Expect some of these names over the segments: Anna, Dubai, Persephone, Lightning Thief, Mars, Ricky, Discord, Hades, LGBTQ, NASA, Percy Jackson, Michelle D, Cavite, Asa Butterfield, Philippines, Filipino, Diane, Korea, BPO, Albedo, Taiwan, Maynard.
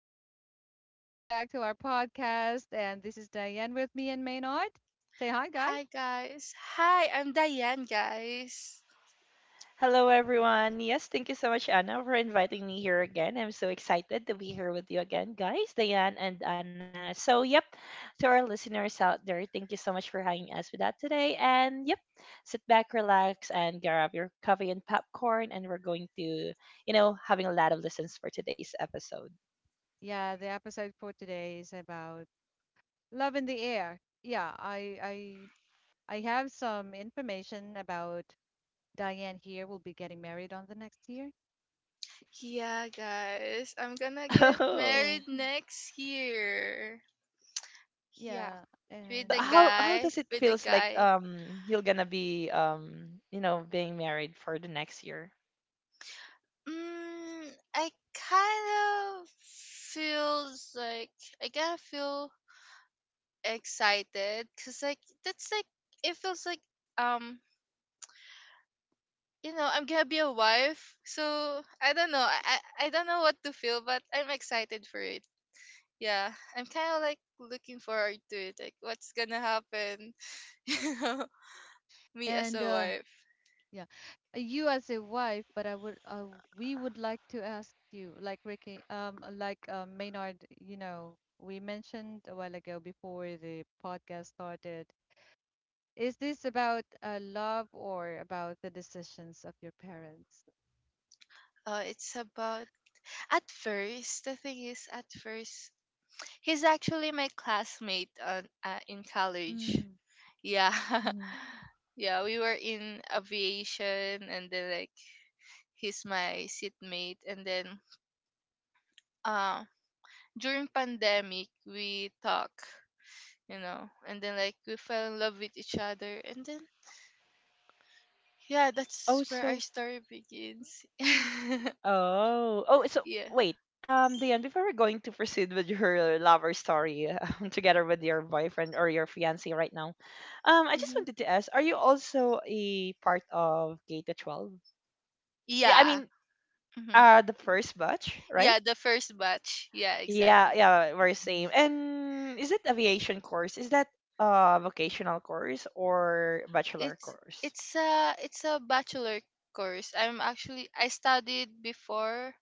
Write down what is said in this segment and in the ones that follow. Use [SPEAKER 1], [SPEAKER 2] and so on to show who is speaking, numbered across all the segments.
[SPEAKER 1] once again, and welcome back to our podcast. And this is Diane with me and Maynard. Say hi, guys.
[SPEAKER 2] Hi guys. Hi, I'm Diane, guys.
[SPEAKER 3] Hello, everyone. Yes, thank you so much, Anna, for inviting me here again. I'm so excited to be here with you again, guys, Diane and Anna. So, yep, to our listeners out there, thank you so much for hanging us with that today. And, yep, sit back, relax, and grab your coffee and popcorn. And we're going to, having a lot of listens for today's episode.
[SPEAKER 1] Yeah, the episode for today is about love in the air. I have some information about Diane here. Will be getting married on the next year.
[SPEAKER 2] Yeah, guys. I'm gonna get
[SPEAKER 3] Oh.
[SPEAKER 2] married next year. Yeah.
[SPEAKER 1] Yeah,
[SPEAKER 2] With the
[SPEAKER 1] and uh,
[SPEAKER 3] How
[SPEAKER 2] guy,
[SPEAKER 3] does it
[SPEAKER 2] with the
[SPEAKER 3] feels like
[SPEAKER 2] guy.
[SPEAKER 3] you're gonna be being married for the next year?
[SPEAKER 2] Mm, I kind of feels like I kind of feel excited cuz like that's like it feels like um you know, I'm gonna be a wife. So, I don't know. I don't know what to feel, but I'm excited for it. Yeah, I'm kind of like looking forward to it. Like, what's gonna happen? You know, me as
[SPEAKER 1] and
[SPEAKER 2] a wife.
[SPEAKER 1] Yeah. You as a wife, but I would we would like to ask you, like Ricky, like Maynard, you know, we mentioned a while ago before the podcast started. Is this about love or about the decisions of your parents?
[SPEAKER 2] It's about at first. The thing is, at first, he's actually my classmate on in college.
[SPEAKER 1] Mm,
[SPEAKER 2] Yeah,
[SPEAKER 1] mm,
[SPEAKER 2] yeah, we were in aviation, and then like he's my seatmate, and then uh during pandemic we talk, you know, and then like we fell in love with each other, and then yeah,
[SPEAKER 3] Oh,
[SPEAKER 2] that's where our
[SPEAKER 3] so
[SPEAKER 2] story begins.
[SPEAKER 3] Oh. So
[SPEAKER 2] Yeah.
[SPEAKER 3] wait, Dion, before we're going to proceed with your lover story together with your boyfriend or your fiance right now, I just
[SPEAKER 2] Hmm.
[SPEAKER 3] wanted to ask: Are you also a part of K to 12? Yeah, I
[SPEAKER 2] Yeah.
[SPEAKER 3] mean,
[SPEAKER 2] Hmm.
[SPEAKER 3] the first batch,
[SPEAKER 2] Yeah,
[SPEAKER 3] right?
[SPEAKER 2] the first batch. Yeah,
[SPEAKER 3] Yeah,
[SPEAKER 2] exactly.
[SPEAKER 3] yeah, we're
[SPEAKER 1] mm,
[SPEAKER 3] same. And is it aviation course? Is that a vocational course or bachelor
[SPEAKER 2] It's
[SPEAKER 3] course?
[SPEAKER 2] it's a bachelor course. I studied before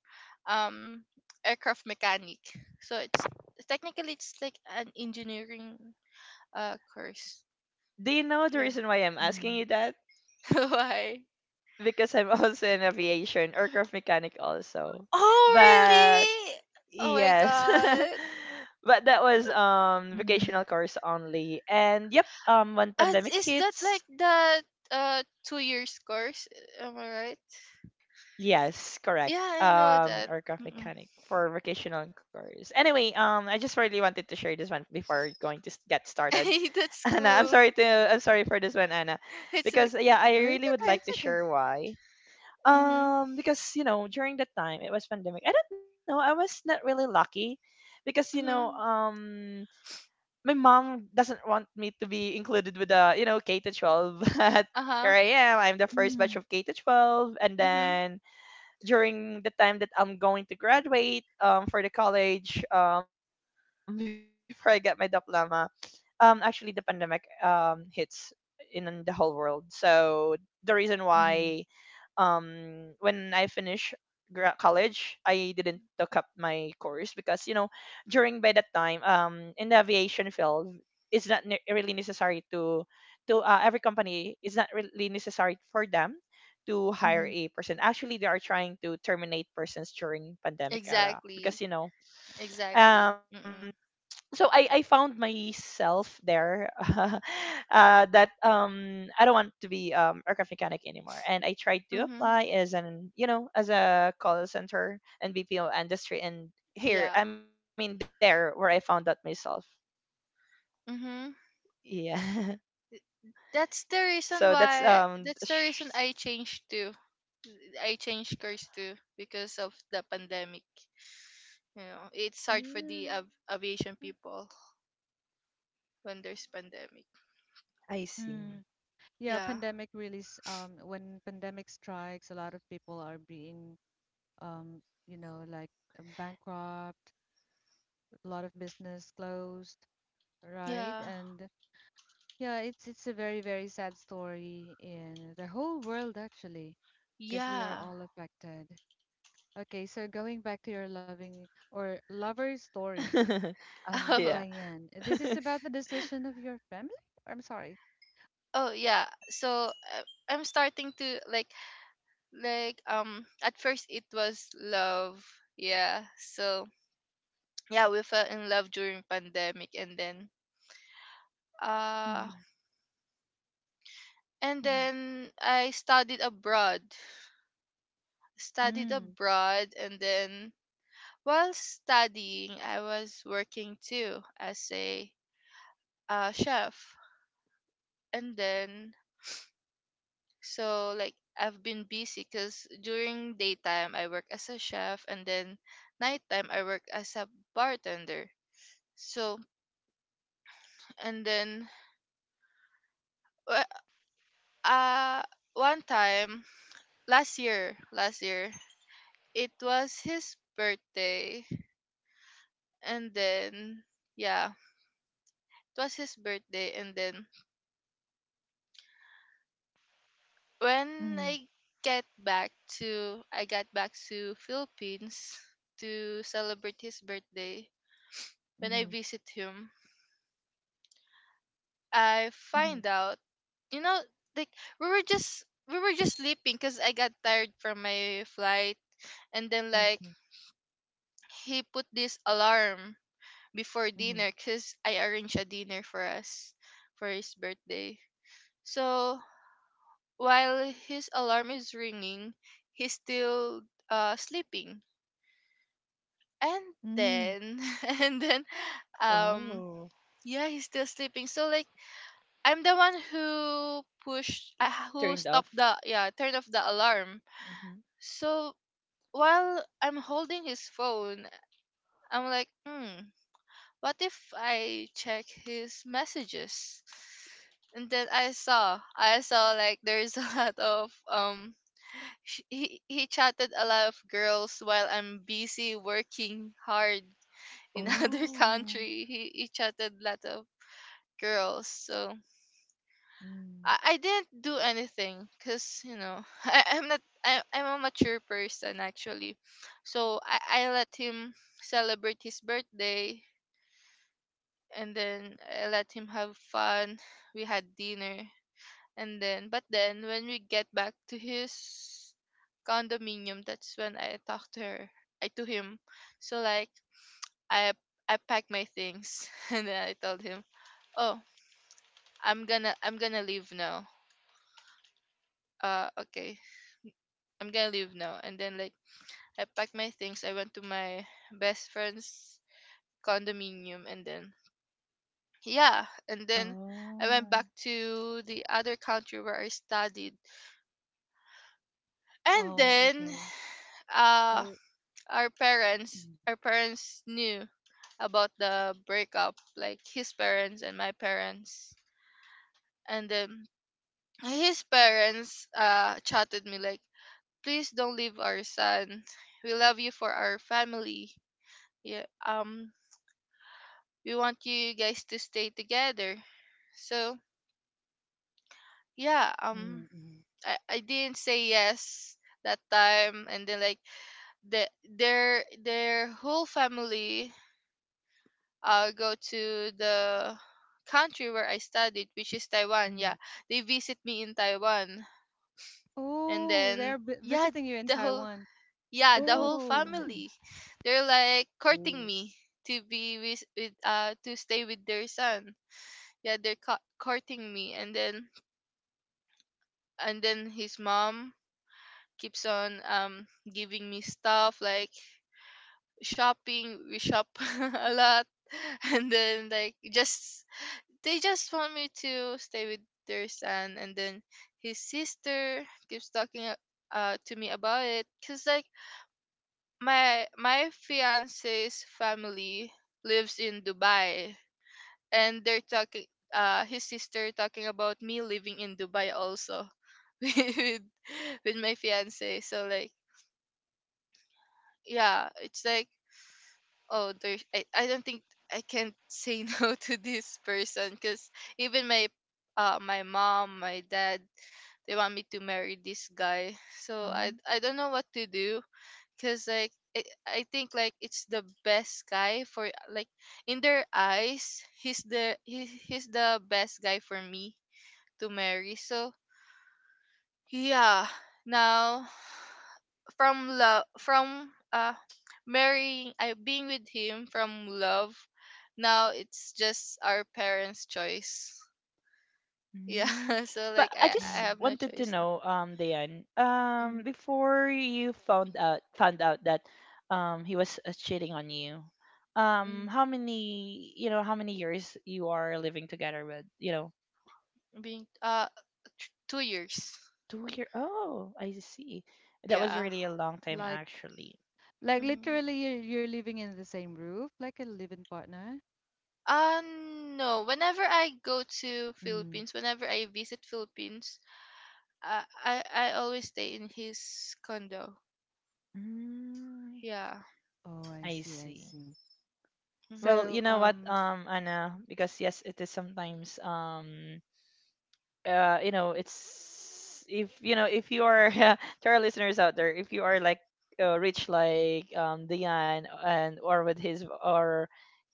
[SPEAKER 2] um aircraft mechanic. So it's technically it's like an engineering course.
[SPEAKER 3] Do you know the
[SPEAKER 2] Yeah.
[SPEAKER 3] reason why I'm asking
[SPEAKER 1] mm,
[SPEAKER 3] you that?
[SPEAKER 2] Why?
[SPEAKER 3] Because I'm also in aviation, aircraft mechanic also.
[SPEAKER 2] Oh,
[SPEAKER 3] But
[SPEAKER 2] really? Oh my
[SPEAKER 3] yes.
[SPEAKER 2] god.
[SPEAKER 3] But that was vocational
[SPEAKER 1] mm.
[SPEAKER 3] course only. And yep, when
[SPEAKER 2] And
[SPEAKER 3] pandemic
[SPEAKER 2] is that like
[SPEAKER 3] hits,
[SPEAKER 2] that 2 year course? Am I right?
[SPEAKER 3] yes,
[SPEAKER 2] Yeah,
[SPEAKER 3] correct.
[SPEAKER 2] I know that.
[SPEAKER 3] Aircraft
[SPEAKER 2] Mm-mm.
[SPEAKER 3] mechanic for vocational course. Anyway, I just really wanted to share this one before going to get started.
[SPEAKER 2] That's
[SPEAKER 3] Anna,
[SPEAKER 2] cool.
[SPEAKER 3] I'm sorry for this one, Anna.
[SPEAKER 2] It's like
[SPEAKER 3] Because yeah, I
[SPEAKER 1] It's
[SPEAKER 3] really would
[SPEAKER 1] okay.
[SPEAKER 3] like
[SPEAKER 1] It's
[SPEAKER 3] to
[SPEAKER 1] okay.
[SPEAKER 3] share why.
[SPEAKER 2] mhm,
[SPEAKER 3] Because during that time it was pandemic. I don't know. I was not really lucky because
[SPEAKER 2] mhm,
[SPEAKER 3] my mom doesn't want me to be included with the K to 12. But
[SPEAKER 2] uh
[SPEAKER 3] here
[SPEAKER 2] huh,
[SPEAKER 3] I am. I'm the first batch
[SPEAKER 1] Mm,
[SPEAKER 3] of K to 12, and
[SPEAKER 2] mhm.
[SPEAKER 3] then during the time that I'm going to graduate for the college, before I get my diploma, actually the pandemic hits in the whole world. So the reason
[SPEAKER 1] mm,
[SPEAKER 3] why when I finished college, I didn't took up my course because during by that time in the aviation field it's not really necessary to, every company it's not really necessary for them to hire
[SPEAKER 1] mm.
[SPEAKER 3] a person. Actually they are trying to terminate persons during pandemic era
[SPEAKER 2] Exactly,
[SPEAKER 3] because
[SPEAKER 2] exactly,
[SPEAKER 3] then yeah,
[SPEAKER 2] mm,
[SPEAKER 3] so I found myself there. That I don't want to be aircraft mechanic anymore, and I tried to
[SPEAKER 2] mhm,
[SPEAKER 3] apply as an as a call center and BPO industry, and here
[SPEAKER 2] yeah,
[SPEAKER 3] I mean there where I found out myself,
[SPEAKER 2] mhm.
[SPEAKER 3] yeah.
[SPEAKER 2] That's
[SPEAKER 3] So
[SPEAKER 2] the
[SPEAKER 3] that's
[SPEAKER 2] reason
[SPEAKER 3] um
[SPEAKER 2] why.
[SPEAKER 3] sh-
[SPEAKER 2] That's the reason I changed too. I changed course too because of the pandemic. You know,
[SPEAKER 3] Mm,
[SPEAKER 2] it's hard for the aviation people when there's
[SPEAKER 3] I
[SPEAKER 2] pandemic.
[SPEAKER 3] see.
[SPEAKER 1] Mm. Yeah,
[SPEAKER 2] Yeah.
[SPEAKER 1] when pandemic strikes, a lot of people are being you know, like bankrupt, a lot of business closed, right?
[SPEAKER 2] Yeah.
[SPEAKER 1] And yeah, it's a very, very sad story in the whole world actually, because we are
[SPEAKER 2] Yeah.
[SPEAKER 1] all affected. Okay, so going back to your loving or lover story,
[SPEAKER 3] Yeah.
[SPEAKER 2] Oh,
[SPEAKER 1] Diane, this is about the decision of your family? I'm sorry.
[SPEAKER 2] oh yeah. So, I'm starting to like at first it was love. Yeah. So yeah, we fell in love during pandemic uh
[SPEAKER 1] Mm-hmm.
[SPEAKER 2] and
[SPEAKER 1] Mhm.
[SPEAKER 2] then I studied abroad. Studied
[SPEAKER 1] Mm.
[SPEAKER 2] abroad and then while studying I was working too as a chef. And then so like I've been busy because during daytime I work as a chef and then nighttime I work as a bartender. So and then wh- uh one time, last year, last year, it was his birthday and then yeah, it was his birthday and then when
[SPEAKER 1] Mm-hmm.
[SPEAKER 2] I get back I got back to Philippines to celebrate his birthday. When I
[SPEAKER 1] Hmm.
[SPEAKER 2] visit him I
[SPEAKER 1] Mm.
[SPEAKER 2] find out, you know, like we were just sleeping because I got tired from my flight, and then
[SPEAKER 1] Mm-hmm.
[SPEAKER 2] like
[SPEAKER 1] Okay.
[SPEAKER 2] he put this alarm before
[SPEAKER 1] Mm-hmm.
[SPEAKER 2] dinner because I arranged a dinner for us for his birthday. So while his alarm is ringing, he's still sleeping, and
[SPEAKER 1] Mm-hmm.
[SPEAKER 2] then and then um
[SPEAKER 3] Oh.
[SPEAKER 2] yeah, he's still sleeping. So like I'm the one who pushed, who
[SPEAKER 3] Turned
[SPEAKER 2] stopped
[SPEAKER 3] off.
[SPEAKER 2] the, yeah, turned off the alarm.
[SPEAKER 3] Hmm.
[SPEAKER 2] So while I'm holding his phone, I'm like, hmm, what if I check his messages? And then I saw like there's a lot of, he chatted a lot of girls while I'm busy working hard in other
[SPEAKER 3] Oh.
[SPEAKER 2] country. He chatted a lot of girls. So
[SPEAKER 1] Mm-hmm.
[SPEAKER 2] I didn't do anything because you know I, I'm not I, I'm a mature person actually, so I let him celebrate his birthday and then I let him have fun. We had dinner and then, but then when we get back to his condominium, that's when I to him. So like I I packed my things and then I told him, oh I'm gonna leave now. Uh, okay, I'm gonna leave now. And then like I packed my things. I went to my best friend's condominium and then yeah, and then I went
[SPEAKER 3] Oh.
[SPEAKER 2] back to the other country where I studied. And
[SPEAKER 1] Oh,
[SPEAKER 2] then
[SPEAKER 1] okay.
[SPEAKER 2] uh
[SPEAKER 1] So,
[SPEAKER 2] our parents knew about the breakup, like his parents and my parents. And then his parents chatted me like, please don't leave our son. We love you for our family. Yeah. We want you guys to stay together. So yeah,
[SPEAKER 1] Mm, mm,
[SPEAKER 2] I didn't say yes that time and then like their whole family go to the country where I studied, which is Taiwan. Yeah.
[SPEAKER 1] mm.
[SPEAKER 2] They visit me in Taiwan, and
[SPEAKER 1] Oh,
[SPEAKER 2] then
[SPEAKER 1] they're vi
[SPEAKER 2] yeah,
[SPEAKER 1] visiting you in
[SPEAKER 2] the whole
[SPEAKER 1] Taiwan,
[SPEAKER 2] yeah,
[SPEAKER 1] the
[SPEAKER 2] the
[SPEAKER 1] whole
[SPEAKER 2] whole
[SPEAKER 3] Oh.
[SPEAKER 1] family.
[SPEAKER 2] family. They're like
[SPEAKER 1] Mm.
[SPEAKER 2] courting me to be with, to stay with their son. Yeah, they're courting me and then, and then his mom keeps on giving me stuff like shopping, we shop a lot, and then like just, they just want me to stay with their son. And then his sister keeps talking to me about it because like my fiance's family lives in Dubai, and they're talking, his sister talking about me living in Dubai also, with with with my fiance. So like yeah, it's like, oh, there's I don't think I can say no to this person, because even my my mom, my dad, they want me to marry this guy, so
[SPEAKER 3] Oh.
[SPEAKER 2] I don't know what to do, because like I think like it's the best guy for like, in their eyes he's the he's the best guy for me to marry. So yeah, now from love, from marrying I being with him from love, now it's just our parents' choice. Yeah.
[SPEAKER 3] Mm.
[SPEAKER 2] So
[SPEAKER 3] But
[SPEAKER 2] like
[SPEAKER 3] I
[SPEAKER 2] I
[SPEAKER 3] just
[SPEAKER 1] Mm.
[SPEAKER 2] have no
[SPEAKER 3] wanted to
[SPEAKER 2] choice
[SPEAKER 3] know, Dayan,
[SPEAKER 2] now. Mm,
[SPEAKER 3] before you found out that he was cheating on you,
[SPEAKER 2] mm,
[SPEAKER 3] how many how many years you are living together with? You know,
[SPEAKER 2] being uh 2 years,
[SPEAKER 3] 2 year. Oh, I see. That was
[SPEAKER 2] yeah.
[SPEAKER 3] really a long time,
[SPEAKER 1] Like,
[SPEAKER 3] actually.
[SPEAKER 1] like
[SPEAKER 2] Mm.
[SPEAKER 1] literally, you're living in the same roof, like a living partner.
[SPEAKER 2] Uh, no, whenever I go to
[SPEAKER 1] Mm.
[SPEAKER 2] Philippines, whenever I visit Philippines, I always stay in his condo.
[SPEAKER 3] Mm,
[SPEAKER 2] Yeah.
[SPEAKER 1] Oh, I
[SPEAKER 3] I
[SPEAKER 1] see, I
[SPEAKER 3] see.
[SPEAKER 1] see.
[SPEAKER 3] Well,
[SPEAKER 2] Mm-hmm.
[SPEAKER 1] So,
[SPEAKER 3] you know what,
[SPEAKER 1] um,
[SPEAKER 3] Anna, because yes, it is sometimes it's, if if you are to our listeners out there, if you are like rich, like Dion and or with his or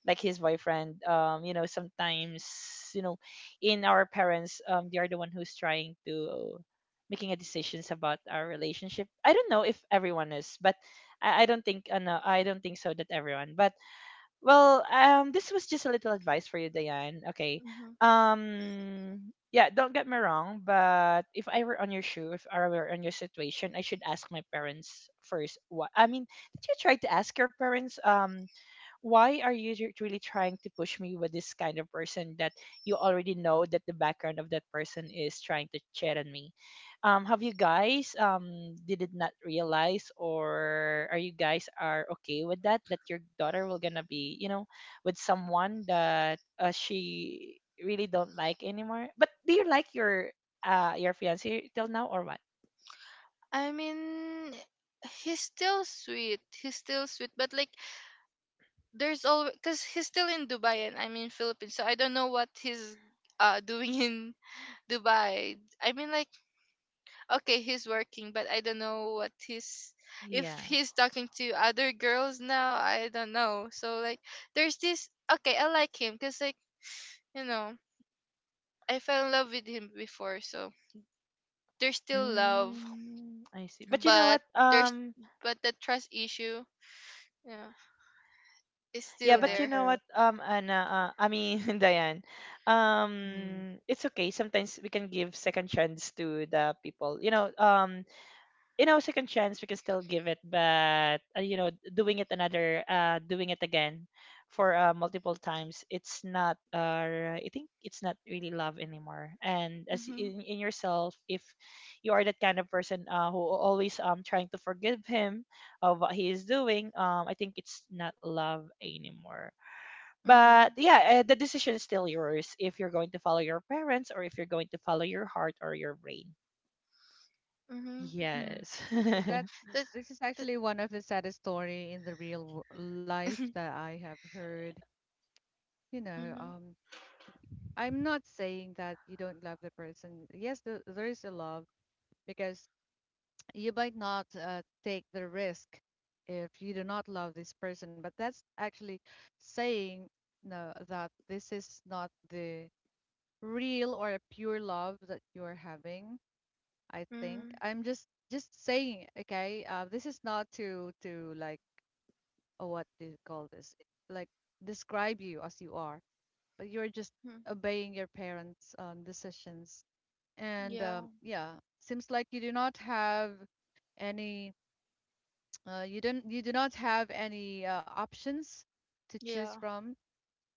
[SPEAKER 3] like his boyfriend, sometimes, you know in our parents, they are the one who's trying to making a decisions about our relationship. I don't know if everyone is, but I don't think, no, I don't think so that everyone, but well, this was just a little advice for you, Diane. Okay.
[SPEAKER 2] Mm-hmm.
[SPEAKER 3] Yeah, don't get me wrong, but if I were on your shoe, if I were on your situation, I should ask my parents first. What I mean, did you try to ask your parents? Why are you really trying to push me with this kind of person that you already know that the background of that person is trying to cheat on me? Have you guys did it not realize, or are you guys are okay with that, that your daughter will gonna be with someone that she really don't like anymore? But do you like your your fiance till now, or what?
[SPEAKER 2] I mean, he's still sweet. He's still sweet, but like there's all because he's still in Dubai and I'm in Philippines, so I don't know what he's doing in Dubai. I mean, like, okay, he's working, but I don't know what he's if
[SPEAKER 3] Yeah.
[SPEAKER 2] he's talking to other girls now. I don't know. So like, there's this, okay, I like him because like, you know, I fell in love with him before, so there's still love,
[SPEAKER 3] Mm, I see. But you know
[SPEAKER 2] but
[SPEAKER 3] what
[SPEAKER 2] there's the trust issue. Yeah. Is
[SPEAKER 3] Yeah,
[SPEAKER 2] still
[SPEAKER 1] yeah,
[SPEAKER 3] but you
[SPEAKER 2] there.
[SPEAKER 3] know
[SPEAKER 1] so,
[SPEAKER 3] what, Anna, I mean, Diane,
[SPEAKER 1] mm,
[SPEAKER 3] it's okay. Sometimes we can give second chance to the people. Second chance we can still give it, but doing it doing it again for multiple times, it's not. I think it's not really love anymore. And as
[SPEAKER 2] Mm-hmm.
[SPEAKER 3] in yourself, if you are that kind of person who always trying to forgive him, of what he is doing, I think it's not love anymore. But
[SPEAKER 2] Mm-hmm.
[SPEAKER 3] yeah, the decision is still yours if you're going to follow your parents or if you're going to follow your heart or your brain.
[SPEAKER 2] Mm-hmm.
[SPEAKER 1] mm,
[SPEAKER 3] Yes.
[SPEAKER 1] that
[SPEAKER 2] That's
[SPEAKER 1] this is
[SPEAKER 2] that.
[SPEAKER 1] actually one of the saddest story in the real wo- life that I have heard. You know,
[SPEAKER 2] Mm-hmm.
[SPEAKER 1] I'm not saying that you don't love the person. Yes, the, there is a love because. You might not take the risk if you do not love this person, but that's actually saying no, that this is not the real or pure love that you're having. i think
[SPEAKER 2] Mm-hmm.
[SPEAKER 1] i'm just just saying okay, this is not to to like oh what do you call this like describe you as you are, but you're just obeying your parents decisions and
[SPEAKER 2] Yeah.
[SPEAKER 1] yeah, seems like you do not have any you don't you do not have any options to choose
[SPEAKER 2] Yeah.
[SPEAKER 1] from.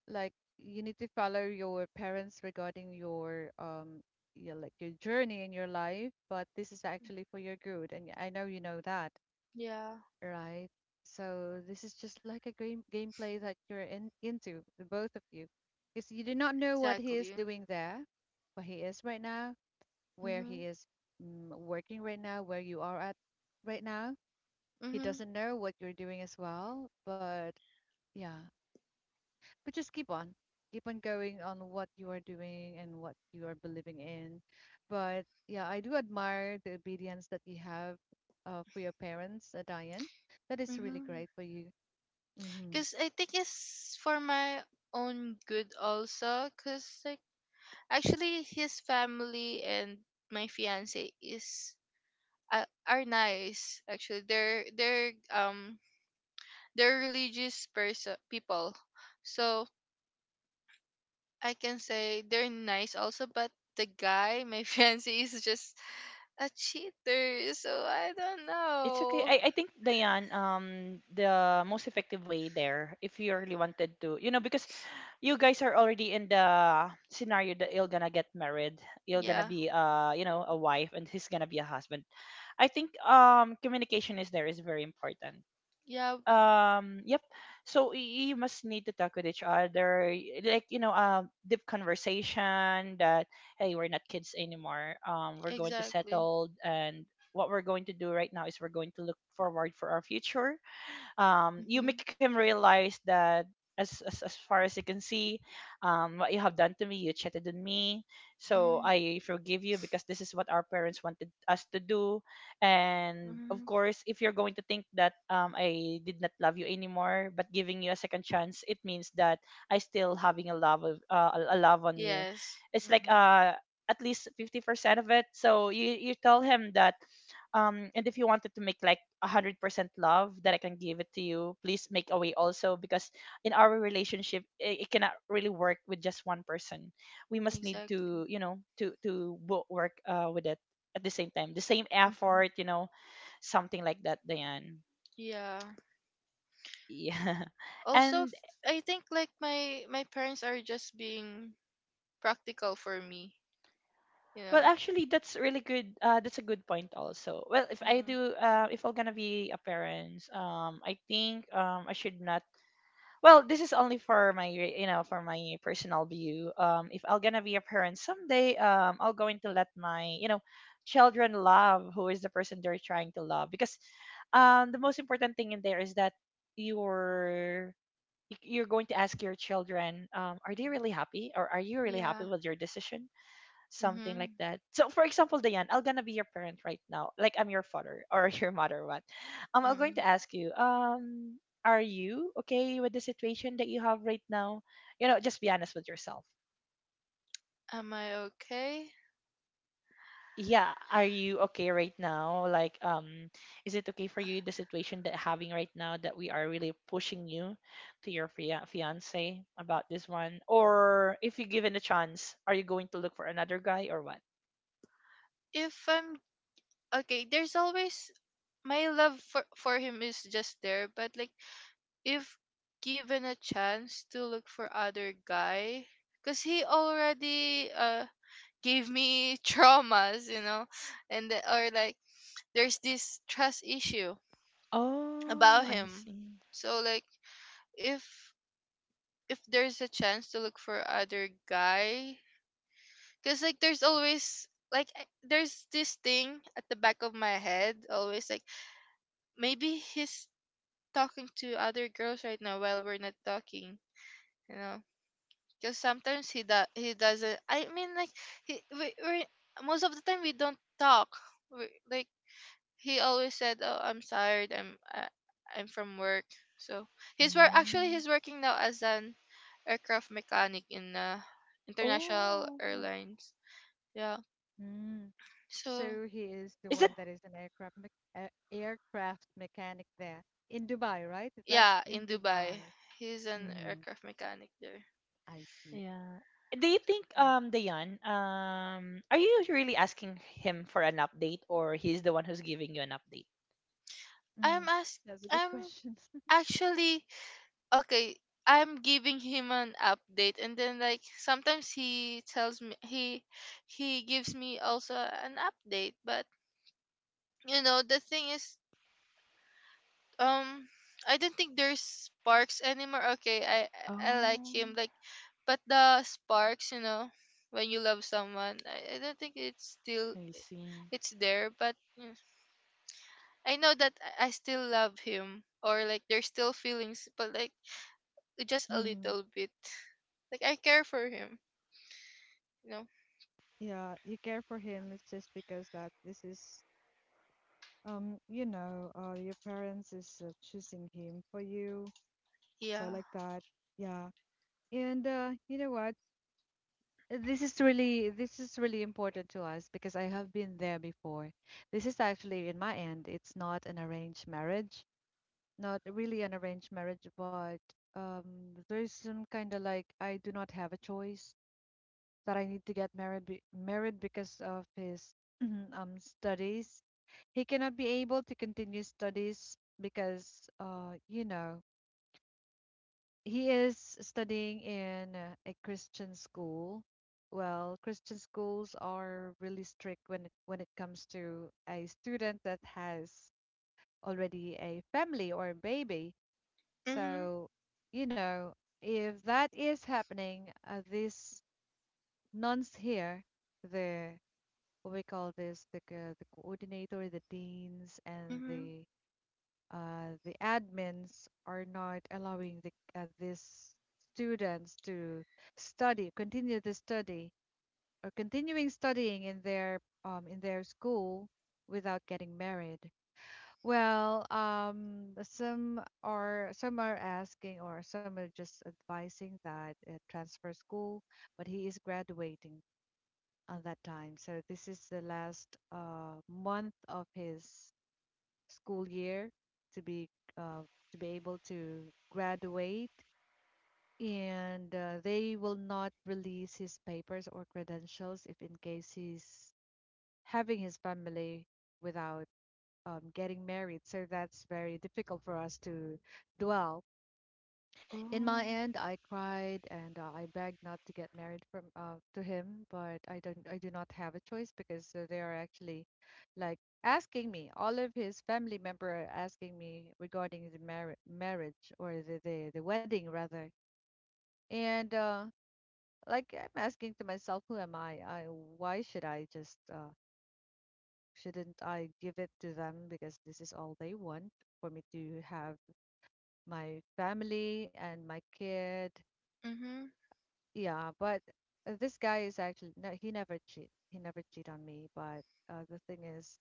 [SPEAKER 1] Like, you need to follow your parents regarding your like your journey in your life, but this is actually for your good, and I know you know that,
[SPEAKER 2] Yeah.
[SPEAKER 1] right? So this is just like a game gameplay that you're in into the both of you, because you do not know what he is
[SPEAKER 2] Exactly.
[SPEAKER 1] doing there, where he is right now, where
[SPEAKER 2] Mm-hmm.
[SPEAKER 1] he is working right now, where you are at right now, he
[SPEAKER 2] Mm-hmm.
[SPEAKER 1] doesn't know what you're doing as well. But yeah, but just keep on, keep on going on what you are doing and what you are believing in. But yeah, I do admire the obedience that you have for your parents, Diane. That is really
[SPEAKER 2] Mm-hmm.
[SPEAKER 1] great for you. Mm-hmm.
[SPEAKER 2] Cause I think it's for my own good also. Cause like actually his family and my fiance is, are nice. Actually, they're they're religious person people. So I can say they're nice also, but the guy, my fiance, is just a cheater. So I don't
[SPEAKER 3] It's okay.
[SPEAKER 2] know.
[SPEAKER 3] I think, Diane, the most effective way there, if you really wanted to, because you guys are already in the scenario that you're gonna get married, you're gonna
[SPEAKER 2] Yeah.
[SPEAKER 3] be a wife, and he's gonna be a husband. I think communication is there is very important.
[SPEAKER 2] Yeah.
[SPEAKER 3] Yep. So you must need to talk with each other, like, deep conversation that hey, we're not kids anymore, we're going to
[SPEAKER 2] Exactly.
[SPEAKER 3] settle. And what we're going to do right now is we're going to look forward for our future. You
[SPEAKER 2] Mhm.
[SPEAKER 3] make him realize that, as far as you can see, what you have done to me, you cheated on me. So
[SPEAKER 2] Mm.
[SPEAKER 3] I forgive you because this is what our parents wanted us to do. And of
[SPEAKER 2] Mhm.
[SPEAKER 3] course, if you're going to think that I did not love you anymore, but giving you a second chance, it means that I still having a love on you.
[SPEAKER 2] Yes.
[SPEAKER 3] It's like
[SPEAKER 2] Mm-mm.
[SPEAKER 3] at least 50% of it, so you tell him that, and if you wanted to make like 100% love that I can give it to you, please make a way also because in our relationship, it cannot really work with just one person. We must need to,
[SPEAKER 2] Exactly.
[SPEAKER 3] to work with it at the same time, the same
[SPEAKER 2] Mhm.
[SPEAKER 3] effort, something like that, Diane.
[SPEAKER 2] Yeah.
[SPEAKER 3] Yeah.
[SPEAKER 2] Also,
[SPEAKER 3] And
[SPEAKER 2] I think like my parents are just being practical for me. You
[SPEAKER 3] well,
[SPEAKER 2] know.
[SPEAKER 3] actually that's really good, that's a good point also. Well,
[SPEAKER 2] Mm-mm.
[SPEAKER 3] if I'm gonna be a parent, I think I should not. Well, this is only for my personal view. If I'm gonna be a parent someday, I'm going to let my children love who is the person they're trying to love because the most important thing in there is that you're you're going to ask your children, are they really happy or are you really
[SPEAKER 2] Yeah.
[SPEAKER 3] happy with your decision? Something like
[SPEAKER 2] Mhm.
[SPEAKER 3] that. So for example, Diane, I'm gonna be your parent right now. Like I'm your father or your mother, what? I'm going
[SPEAKER 2] Mm-mm.
[SPEAKER 3] to ask you, are you okay with the situation that you have right now? Just be honest with yourself.
[SPEAKER 2] Am I okay?
[SPEAKER 3] Yeah, are you okay right now? Like, is it okay for you the situation that having right now that we are really pushing you to your fiance about this one? Or if you given a chance, are you going to look for another guy or what?
[SPEAKER 2] If I'm okay, there's always my love for him is just there, but like if given a chance to look for other guy, because he already gave me traumas, you know, and the- or like there's this trust issue
[SPEAKER 3] Oh,
[SPEAKER 2] about
[SPEAKER 3] I
[SPEAKER 2] him.
[SPEAKER 3] see.
[SPEAKER 2] So like if if there's a chance to look for other guy, because like there's always like there's this thing at the back of my head always, like maybe he's talking to other girls right now while we're not talking, you know, because sometimes he does, he doesn't, I mean like we most of the time we don't talk. We, like he always said, oh, I'm tired, I'm from work. So he's work, actually he's working now as an aircraft mechanic in international
[SPEAKER 3] Oh.
[SPEAKER 2] airlines. Yeah.
[SPEAKER 1] Mm.
[SPEAKER 2] So
[SPEAKER 1] So he is the
[SPEAKER 3] Is it?
[SPEAKER 1] one that is an aircraft me aircraft mechanic there in Dubai, right? That's
[SPEAKER 2] yeah,
[SPEAKER 1] in
[SPEAKER 2] in Dubai
[SPEAKER 1] Dubai.
[SPEAKER 2] he's an
[SPEAKER 1] Mm-hmm.
[SPEAKER 2] aircraft mechanic there.
[SPEAKER 1] I see.
[SPEAKER 3] Yeah. Do you think,
[SPEAKER 1] Yeah.
[SPEAKER 3] Dayan, are you really asking him for an update or he's the one who's giving you an update?
[SPEAKER 2] i'm
[SPEAKER 1] Mm.
[SPEAKER 2] ask
[SPEAKER 1] That's a good
[SPEAKER 2] i'm
[SPEAKER 1] question.
[SPEAKER 2] actually, okay, I'm giving him an update, and then like sometimes he tells me, he gives me also an update, but you know the thing is, um I don't think there's sparks anymore. Okay, I I like
[SPEAKER 3] Oh,
[SPEAKER 2] him, like, but the sparks, you know, when you love someone, I don't think it's still
[SPEAKER 3] I see.
[SPEAKER 2] it's there. But mm, I know that I still love him, or like there's still feelings, but like just a
[SPEAKER 1] Mm-hmm.
[SPEAKER 2] little bit, like I care for him. You know?
[SPEAKER 1] Yeah, you care for him. It's just because that this is, you know, your parents is choosing him for you. So
[SPEAKER 2] Yeah.
[SPEAKER 1] like that, yeah. And you know what? This is really important to us because I have been there before. This is actually in my end, it's not an arranged marriage, not really an arranged marriage, but um there's some kind of like I do not have a choice that I need to get married be married because of his studies. He cannot be able to continue studies because, you know, he is studying in a Christian school. Well, Christian schools are really strict when it comes to a student that has already a family or a baby.
[SPEAKER 2] Mhm.
[SPEAKER 1] So, you know, if that is happening, these nuns here, the what we call this, the co- the coordinator, the deans, and
[SPEAKER 2] Mhm.
[SPEAKER 1] the admins are not allowing the, these students to study, continue the study, or continuing studying in their school without getting married. Well, some are asking, or some are just advising that transfer school, but he is graduating at that time, so this is the last month of his school year to be uh, to be able to graduate, and they will not release his papers or credentials if in case he's having his family without getting married. So that's very difficult for us to dwell. In my
[SPEAKER 3] Oh.
[SPEAKER 1] end, I cried, and I begged not to get married from to him, but I do not have a choice because they are actually like asking me, all of his family member are asking me regarding the mar marriage or the wedding rather. And uh, like I'm asking to myself, who am I? Why should I just shouldn't I give it to them because this is all they want for me to have my family and my kid.
[SPEAKER 2] Mhm.
[SPEAKER 1] Yeah, but this guy is actually no, he never cheat. He never cheat on me. But the thing is,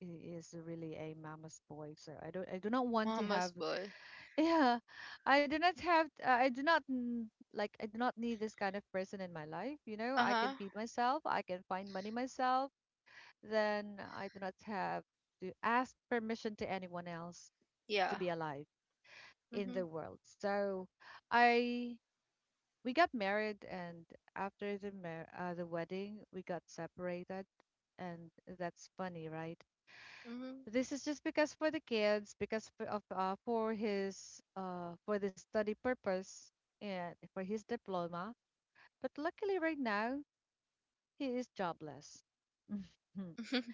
[SPEAKER 1] he is really a mama's boy. So I do not want to
[SPEAKER 2] Mama's
[SPEAKER 1] have.
[SPEAKER 2] boy.
[SPEAKER 1] Yeah, I do not have. I do not n- like. I do not need this kind of person in my life. You know,
[SPEAKER 2] Uh
[SPEAKER 1] I can
[SPEAKER 2] huh.
[SPEAKER 1] feed myself. I can find money myself. Then I do not have to ask permission to anyone else to
[SPEAKER 2] Yeah.
[SPEAKER 1] be alive in
[SPEAKER 2] Mhm.
[SPEAKER 1] the world. So I we got married, and after the mar- the wedding, we got separated, and that's funny, right?
[SPEAKER 2] Mhm.
[SPEAKER 1] This is just because for the kids, because for, of for his for the study purpose and for his diploma. But luckily, right now he is jobless.
[SPEAKER 2] Mhm.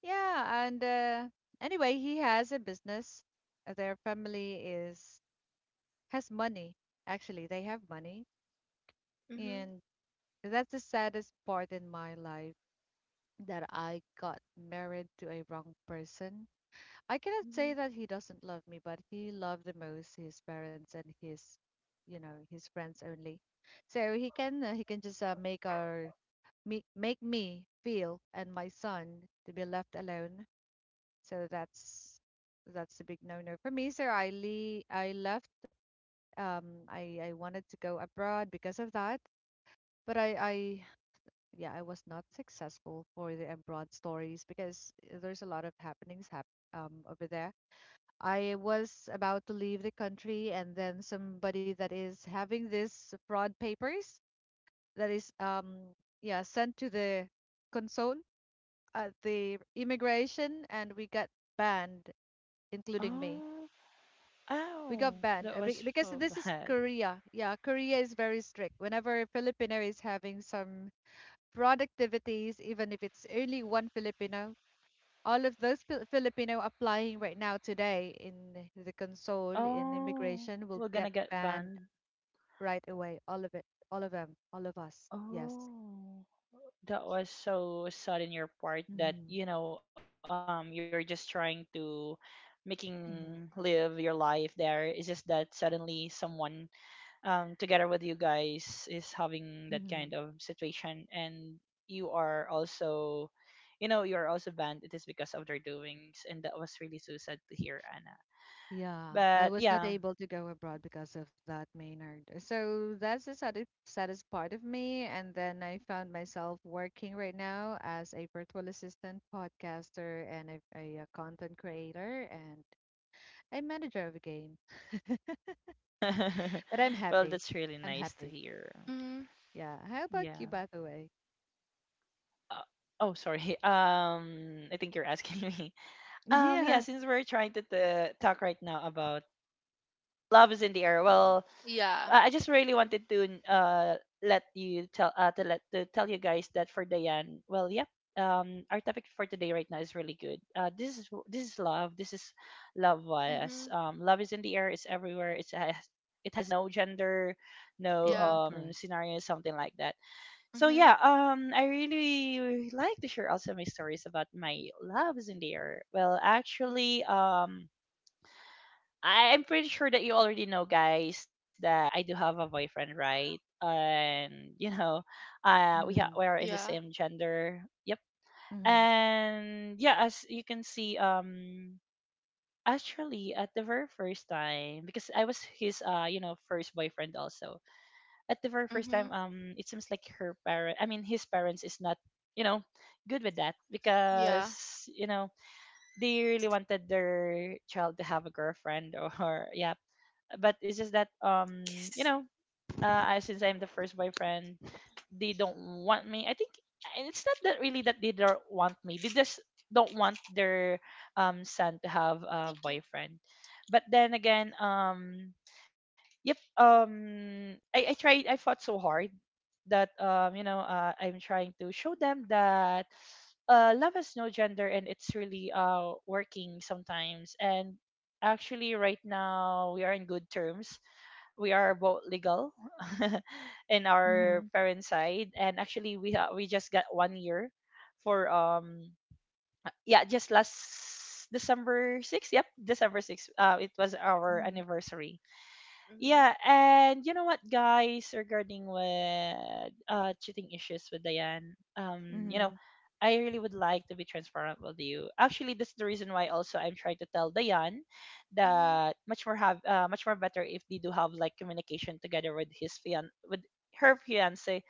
[SPEAKER 1] Yeah, and anyway, he has a business. Their family is has money. Actually, they have money,
[SPEAKER 2] Mhm.
[SPEAKER 1] and that's the saddest part in my life that I got married to a wrong person. I cannot
[SPEAKER 2] Mhm.
[SPEAKER 1] say
[SPEAKER 2] Mhm.
[SPEAKER 1] that he doesn't love me, but he loved the most his parents and his, you know, his friends only. So he can just make our me, make me feel and my son to be left alone. So that's a big no-no for me. So I left. I wanted to go abroad because of that, but I yeah, I was not successful for the abroad stories because there's a lot of happenings hap over there. I was about to leave the country, and then somebody that is having this fraud papers that is yeah sent to the console at the immigration, and we got banned, including me.
[SPEAKER 3] Oh.
[SPEAKER 1] We
[SPEAKER 3] Ow.
[SPEAKER 1] got
[SPEAKER 3] That
[SPEAKER 1] banned
[SPEAKER 3] was
[SPEAKER 1] be- because
[SPEAKER 3] so
[SPEAKER 1] this is
[SPEAKER 3] bad.
[SPEAKER 1] Korea. Yeah, Korea is very strict. Whenever Filipino is having some fraud activities, even if it's only one Filipino, all of those Fil- Filipino applying right now today in the console in
[SPEAKER 3] Oh,
[SPEAKER 1] immigration will
[SPEAKER 3] we're
[SPEAKER 1] get
[SPEAKER 3] gonna get
[SPEAKER 1] banned
[SPEAKER 3] banned.
[SPEAKER 1] right away. All of it, all of them, all of us. Yes.
[SPEAKER 3] Oh, that was so sad in your part that,
[SPEAKER 1] Mm-hmm.
[SPEAKER 3] you're just trying to making
[SPEAKER 1] Mm-hmm.
[SPEAKER 3] live your life there. It's just that suddenly someone together with you guys is having that kind
[SPEAKER 1] Mm-hmm.
[SPEAKER 3] of situation, and you are also, you're also banned. It is because of their doings, and that was really so sad to hear, Anna.
[SPEAKER 1] Yeah, I
[SPEAKER 3] But
[SPEAKER 1] was not
[SPEAKER 3] yeah.
[SPEAKER 1] able to go abroad because of that, Maynard. So that's the saddest, saddest part of me. And then I found myself working right now as a virtual assistant, podcaster, and a, a content creator and a manager of a game. But I'm
[SPEAKER 3] Well,
[SPEAKER 1] happy.
[SPEAKER 3] that's really
[SPEAKER 1] I'm
[SPEAKER 3] nice to
[SPEAKER 1] happy.
[SPEAKER 3] hear.
[SPEAKER 1] Yeah. How about you,
[SPEAKER 3] Yeah.
[SPEAKER 1] by the way?
[SPEAKER 3] uh, oh, sorry. I think you're asking me. Yeah,
[SPEAKER 1] Yeah.
[SPEAKER 3] since we're trying to, talk right now about love is in the air, well,
[SPEAKER 2] Yeah.
[SPEAKER 3] I just really wanted to let you tell to let to tell you guys that for Diane, well, yep. Our topic for today right now is really good. This is love. This is love bias.
[SPEAKER 2] Mhm.
[SPEAKER 3] Love is in the air. It's everywhere. It has no gender, no
[SPEAKER 2] Yeah.
[SPEAKER 1] Mm-hmm. Correct.
[SPEAKER 3] scenario, something like that. So
[SPEAKER 2] Mhm.
[SPEAKER 3] yeah, I really like to share also my stories about my love is in the air. Well, actually, I'm pretty sure that you already know, guys, that I do have a boyfriend, right? And you know,
[SPEAKER 1] Mm-hmm.
[SPEAKER 3] we are in the
[SPEAKER 2] Yeah.
[SPEAKER 3] same gender. Yep.
[SPEAKER 1] Mm-hmm.
[SPEAKER 3] And yeah, as you can see, actually, at the very first time, because I was his, first boyfriend also. At the very first
[SPEAKER 2] Mhm.
[SPEAKER 3] time, it seems like her parent, I mean, his parents is not, you know, good with that
[SPEAKER 2] Yeah.
[SPEAKER 3] because you know they really wanted their child to have a girlfriend or yeah but it's just that
[SPEAKER 2] Kiss.
[SPEAKER 3] you know since I'm the first boyfriend they don't want me I think, and it's not that really that they don't want me, they just don't want their son to have a
[SPEAKER 2] Thank you.
[SPEAKER 3] boyfriend. But then again, yep, um I tried, I fought so hard that I'm trying to show them that love has no gender and it's really working sometimes. And actually right now we are in good terms, we are both legal in our
[SPEAKER 1] Mm-hmm.
[SPEAKER 3] parents' side, and actually we just got 1 year for yeah just last December 6th. Yep, December 6th. It was our
[SPEAKER 1] Mm-hmm.
[SPEAKER 3] anniversary.
[SPEAKER 2] Mhm.
[SPEAKER 3] Yeah, and you know what, guys, regarding with cheating issues with Diane,
[SPEAKER 2] Mhm.
[SPEAKER 3] you know,
[SPEAKER 1] Mm-hmm.
[SPEAKER 3] I really would like to be transparent with you. Actually, that's the reason why also I'm trying to tell Diane
[SPEAKER 2] Mhm.
[SPEAKER 3] that much more better if they do have like communication together with his fian with her fiance,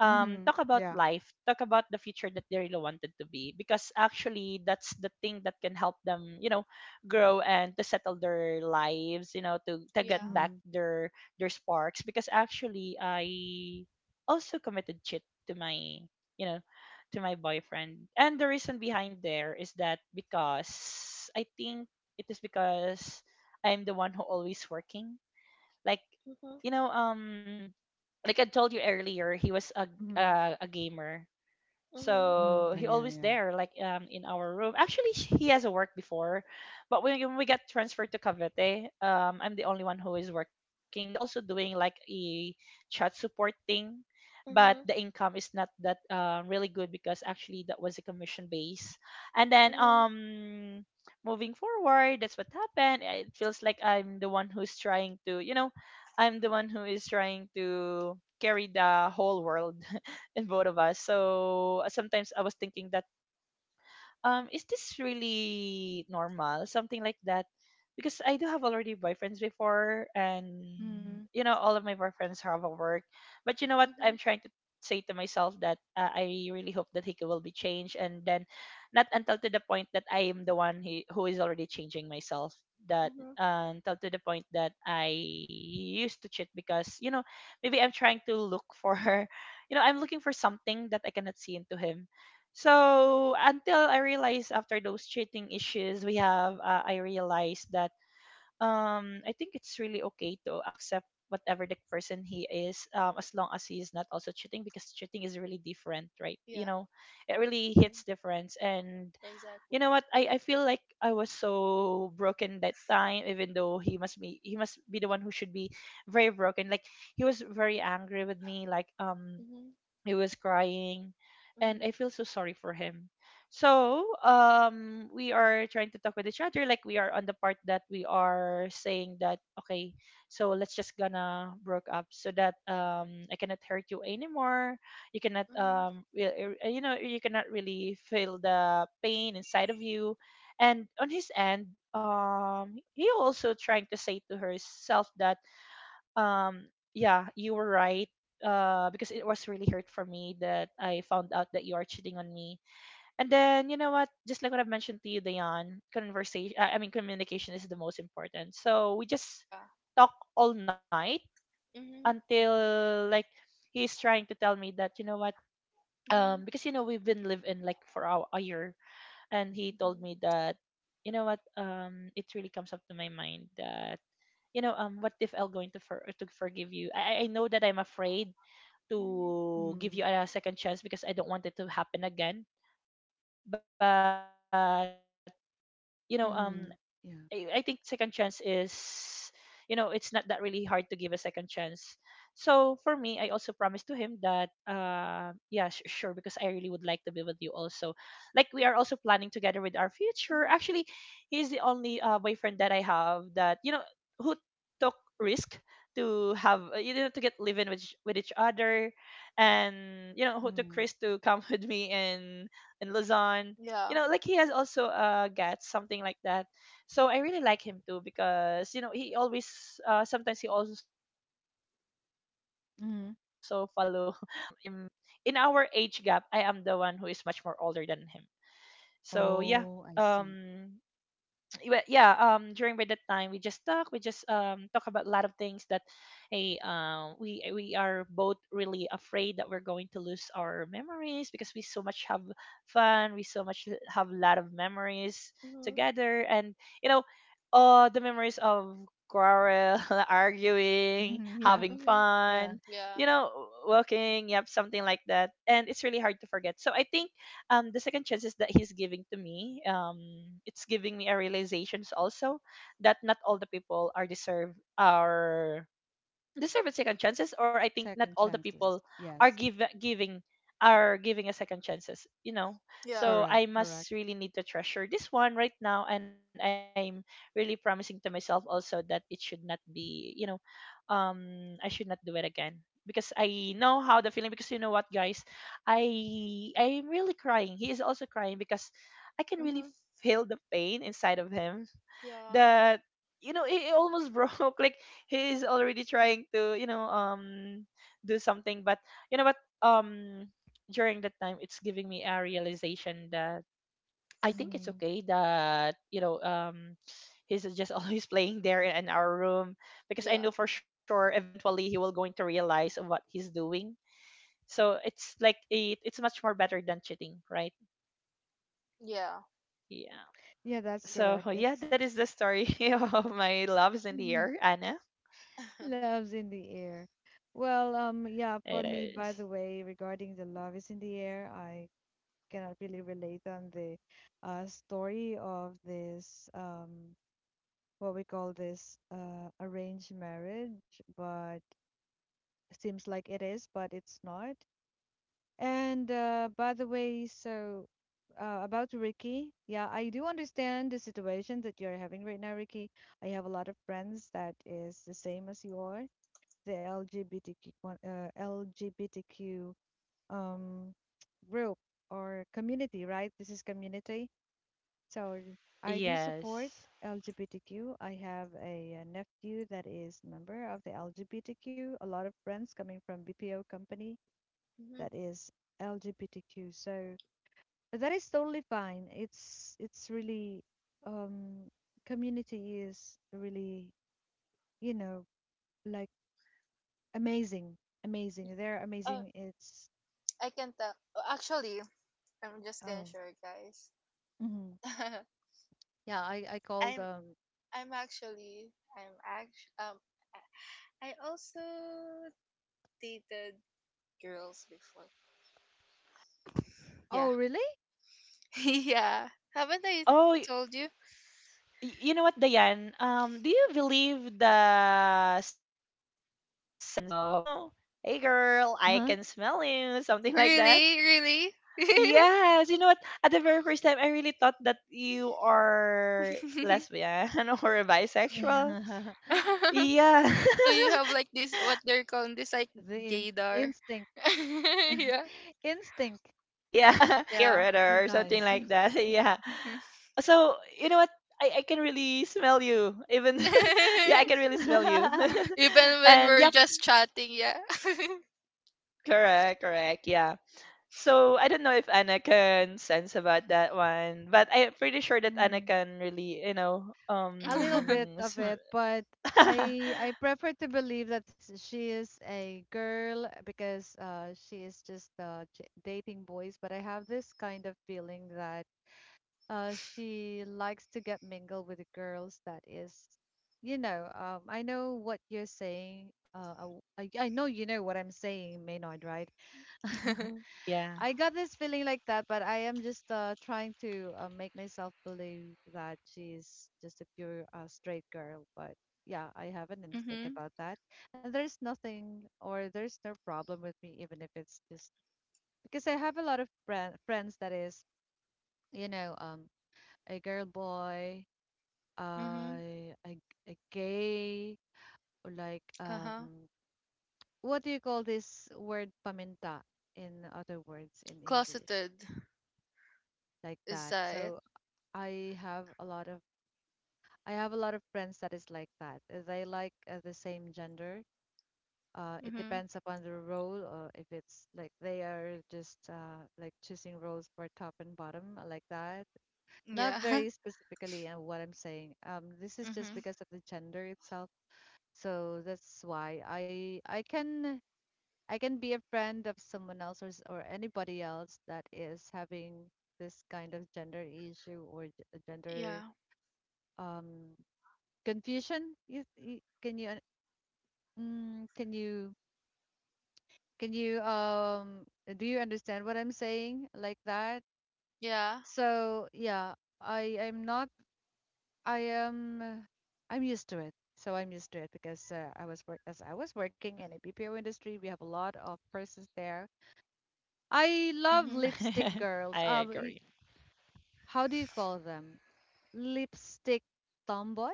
[SPEAKER 1] Mm-hmm.
[SPEAKER 3] talk about
[SPEAKER 1] Yeah.
[SPEAKER 3] life, talk about the future that they really wanted to be, because actually that's the thing that can help them, you know, grow and to settle their lives, you know, to get
[SPEAKER 2] Yeah.
[SPEAKER 3] back
[SPEAKER 1] Mm-hmm.
[SPEAKER 3] their sparks. Because actually, I also committed cheat to my, you know, to my boyfriend, and the reason behind there is that because I think it is because I'm the one who always working, like,
[SPEAKER 2] Mhm.
[SPEAKER 3] you know, like I told you earlier, he was
[SPEAKER 1] Mm-hmm.
[SPEAKER 3] a gamer.
[SPEAKER 2] Mhm.
[SPEAKER 3] So
[SPEAKER 1] Mm-hmm.
[SPEAKER 3] he
[SPEAKER 1] Yeah.
[SPEAKER 3] always
[SPEAKER 1] Yeah.
[SPEAKER 3] there, like in our room. Actually, he has a work before, but when we got transferred to Cavite, I'm the only one who is working. He's also doing like a chat support thing, but
[SPEAKER 2] Mhm.
[SPEAKER 3] the income is not that uh really good because actually that was a commission base. And then
[SPEAKER 2] Mhm.
[SPEAKER 3] moving forward, that's what happened. It feels like I'm the one who's trying to, you know, I'm the one who is trying to carry the whole world in both of us. So uh sometimes I was thinking that is this really normal, something like that, because I do have already boyfriends before and
[SPEAKER 1] Mm-hmm.
[SPEAKER 3] you know all of my boyfriends have a work. But you know what, I'm
[SPEAKER 2] Mhm.
[SPEAKER 3] trying to say to myself that uh I really hope that will be changed, and then not until to the point that I am the one who is already changing myself that
[SPEAKER 2] Mhm.
[SPEAKER 3] uh until to the point that I used to cheat, because you know maybe I'm trying to look for you know I'm looking for something that I cannot see into him. So until I realized after those cheating issues we have, uh I realized that I think it's really okay to accept whatever the person he is, as long as he is not also cheating, because cheating is really different, right?
[SPEAKER 2] Yeah.
[SPEAKER 3] You know, it really
[SPEAKER 2] Mhm.
[SPEAKER 3] hits difference. And you
[SPEAKER 2] Exactly.
[SPEAKER 3] know what? I feel like I was so broken that time, even though he must be the one who should be very broken. Like he was very angry with me, like
[SPEAKER 2] Mhm.
[SPEAKER 3] he was crying and I
[SPEAKER 2] Mhm.
[SPEAKER 3] feel so sorry for him. So we are trying to talk with each other like we are on the part that we are saying that okay, so let's just gonna broke up so that I cannot hurt you anymore, you cannot
[SPEAKER 2] Mhm.
[SPEAKER 3] you know you cannot really feel the pain inside of you. And on his end he also trying to say to herself that um yeah, you were right, because it was really hurt for me that I found out that you are cheating on me. And then you know what, just like what I've mentioned to you dayan, conversation I mean communication is the most important. So we just
[SPEAKER 2] Yeah.
[SPEAKER 3] talk all night
[SPEAKER 2] Mhm.
[SPEAKER 3] until like he's trying to tell me that you know what,
[SPEAKER 2] Mhm.
[SPEAKER 3] because you know we've been living like for our a year, and he told
[SPEAKER 2] Mhm.
[SPEAKER 3] me that you know what, it really comes up to my mind that you know, what if I'm going to forgive you? I know that I'm afraid
[SPEAKER 2] Mhm.
[SPEAKER 3] to give you
[SPEAKER 1] Mm-hmm.
[SPEAKER 3] a second chance because I don't want it to happen again. But
[SPEAKER 2] Mhm.
[SPEAKER 3] you know, I think
[SPEAKER 1] Mm-hmm.
[SPEAKER 3] second chance
[SPEAKER 1] Yeah.
[SPEAKER 3] is, you know, it's not that really hard to give a second chance. So for me I also promised to him that yeah sure, because I really would like to be with you also, like we are also planning together with our
[SPEAKER 2] Mhm.
[SPEAKER 3] future. Actually he's the only uh boyfriend that I have that you know who took risk to have uh you know to get living with with each other, and you know
[SPEAKER 1] Mm-hmm.
[SPEAKER 3] who took risk to come with me in
[SPEAKER 2] Yeah.
[SPEAKER 3] Luzon. You know, like he has also guts, something like that. So I really like him too because you know he always sometimes he also follow on my
[SPEAKER 1] Mm-hmm.
[SPEAKER 3] command, because I'm you know I'm in our age gap I am the one who is much more older than him. So yeah,
[SPEAKER 1] Oh, I see.
[SPEAKER 3] um yeah during by that time we just talk, we just talk about a lot of things that hey um we are both really afraid that we're going to lose our memories because we so much have fun, we so much have a lot of memories
[SPEAKER 2] Mhm,
[SPEAKER 3] together. And you know, the memories of quarrel, arguing,
[SPEAKER 1] Mm-hmm. Yeah.
[SPEAKER 3] having
[SPEAKER 2] mhm.
[SPEAKER 1] Yeah.
[SPEAKER 3] fun,
[SPEAKER 2] Yeah.
[SPEAKER 3] you know, walking, yep, something like that, and it's really hard to forget. So I think the second chances that he's giving to me, it's giving me a realizations also that not all the people are deserve a second chances, or I think not
[SPEAKER 1] Second
[SPEAKER 3] all the people
[SPEAKER 1] chances.
[SPEAKER 3] are
[SPEAKER 1] Yes.
[SPEAKER 3] give, giving are giving a second chances, you know.
[SPEAKER 2] Yeah.
[SPEAKER 3] So I
[SPEAKER 1] Correct.
[SPEAKER 3] must
[SPEAKER 1] Correct.
[SPEAKER 3] really need to treasure this one right now, and I'm really promising to myself also that it should not be, you know, I should not do it again. Because I know how the feeling, because you know what guys, I'm really crying, he is also crying because I can really
[SPEAKER 2] Mhm.
[SPEAKER 3] feel the pain inside of him.
[SPEAKER 2] Yeah.
[SPEAKER 3] That, you know, he almost broke, like he is already trying to you know do something. But you know what, during that time it's giving me a realization that I think it's
[SPEAKER 1] Mm-hmm.
[SPEAKER 3] okay that you know he's just always playing there in our room, because I know
[SPEAKER 2] Yeah.
[SPEAKER 3] for sure eventually he will going to realize what he's doing. So it's like it's much more better than cheating, right?
[SPEAKER 2] Yeah.
[SPEAKER 3] Yeah.
[SPEAKER 1] Yeah, that's
[SPEAKER 3] So
[SPEAKER 1] correct.
[SPEAKER 2] Exactly.
[SPEAKER 3] yeah,
[SPEAKER 1] It's
[SPEAKER 3] that is the story of my loves in the air, Anna.
[SPEAKER 1] love's in the air. Well,
[SPEAKER 3] It
[SPEAKER 1] yeah, for me,
[SPEAKER 3] is.
[SPEAKER 1] by the way, regarding the love is in the air, I cannot really relate on the story of this what we call this arranged marriage, but seems like it is, but it's not. And by the way, so about Ricky, yeah, I do understand the situation that you're having right now, Ricky. I have a lot of friends that is the same as you are, the LGBTQ one- LGBTQ um group or community, right? This is community. So I do
[SPEAKER 3] Yes.
[SPEAKER 1] support LGBTQ. I have a nephew that is member of the LGBTQ. A lot of friends coming from BPO company
[SPEAKER 2] Mhm.
[SPEAKER 1] that is LGBTQ. So that is totally fine. It's really um community is really, you know, like amazing. Amazing. They're
[SPEAKER 2] Uh,
[SPEAKER 1] amazing. It's
[SPEAKER 2] I can tell. Oh, actually, I'm just gonna
[SPEAKER 1] oh.
[SPEAKER 2] share, guys.
[SPEAKER 1] Mhm. Yeah, I called
[SPEAKER 2] I'm
[SPEAKER 1] um
[SPEAKER 2] I'm actually I'm act um I I also dated girls before. Yeah.
[SPEAKER 1] Oh, really?
[SPEAKER 2] Yeah. Haven't I
[SPEAKER 3] Oh,
[SPEAKER 2] told you?
[SPEAKER 3] you know what, Diane? Do you believe the sense of, you know, hey girl, I can
[SPEAKER 1] Huh?
[SPEAKER 3] smell you, something like that?
[SPEAKER 2] Really,
[SPEAKER 3] Yes, you know what? At the very first time, I really thought that you are
[SPEAKER 2] really?
[SPEAKER 3] lesbian or bisexual. Yeah.
[SPEAKER 2] So you have like this what they're calling this like
[SPEAKER 1] The in
[SPEAKER 2] gaydar.
[SPEAKER 1] instinct.
[SPEAKER 3] yeah
[SPEAKER 2] Yeah.
[SPEAKER 1] Instinct,
[SPEAKER 3] gay gayer or something
[SPEAKER 2] Yeah.
[SPEAKER 3] like
[SPEAKER 1] you
[SPEAKER 3] that yeah.
[SPEAKER 1] guys.
[SPEAKER 3] So
[SPEAKER 2] Mhm.
[SPEAKER 3] you know what, I can really smell you even yeah I can really smell you and yep,
[SPEAKER 2] Even when we're just chatting, yeah.
[SPEAKER 3] correct, correct, yeah. So I don't know if Anna can sense about that one, but I'm pretty sure that Anna can
[SPEAKER 1] Mm.
[SPEAKER 3] really you know
[SPEAKER 1] A little bit of it, but I prefer to believe that s- she is a girl because she is just j- dating boys. But I have this kind of feeling that she likes to get mingled with the girls. That is, I know what you're saying. I know you know what I'm saying, Maynard, right?
[SPEAKER 3] yeah
[SPEAKER 1] I got this feeling like that, but I am just trying to make myself believe that she's just a pure straight girl. But yeah, I have an instinct
[SPEAKER 2] Mhm.
[SPEAKER 1] about that. And there's nothing or there's no problem with me, even if it's just because I have a lot of friends that is, you know, um, a girl boy,
[SPEAKER 2] Mhm.
[SPEAKER 1] uh, a, a gay, or like,
[SPEAKER 2] Uh-huh.
[SPEAKER 1] what do you call this word, paminta, in other words, in English?
[SPEAKER 2] Closeted,
[SPEAKER 1] Like
[SPEAKER 2] is
[SPEAKER 1] that.
[SPEAKER 2] that it?
[SPEAKER 1] So I have a lot of I have a lot of friends that is like that. They like the same gender. It
[SPEAKER 2] Mhm.
[SPEAKER 1] depends upon the role, or if it's like they are just like choosing roles for top and bottom like that. Not
[SPEAKER 2] Yeah.
[SPEAKER 1] very specifically on what I'm saying. This is just
[SPEAKER 2] Mhm.
[SPEAKER 1] because of the gender itself. So that's why I can I can be a friend of someone else or or anybody else that is having this kind of gender issue or gender
[SPEAKER 2] Yeah.
[SPEAKER 1] um confusion? Can you can you can you um do you understand what I'm saying like that?
[SPEAKER 3] yes
[SPEAKER 2] Yeah.
[SPEAKER 1] So yeah, I I'm not I am I'm used to it. So I'm used to it because I was working in a BPO industry. We have a lot of persons there. I love
[SPEAKER 2] Mhm.
[SPEAKER 3] I
[SPEAKER 1] lipstick
[SPEAKER 3] agree.
[SPEAKER 1] girls. How do you call them? Lipstick tomboy?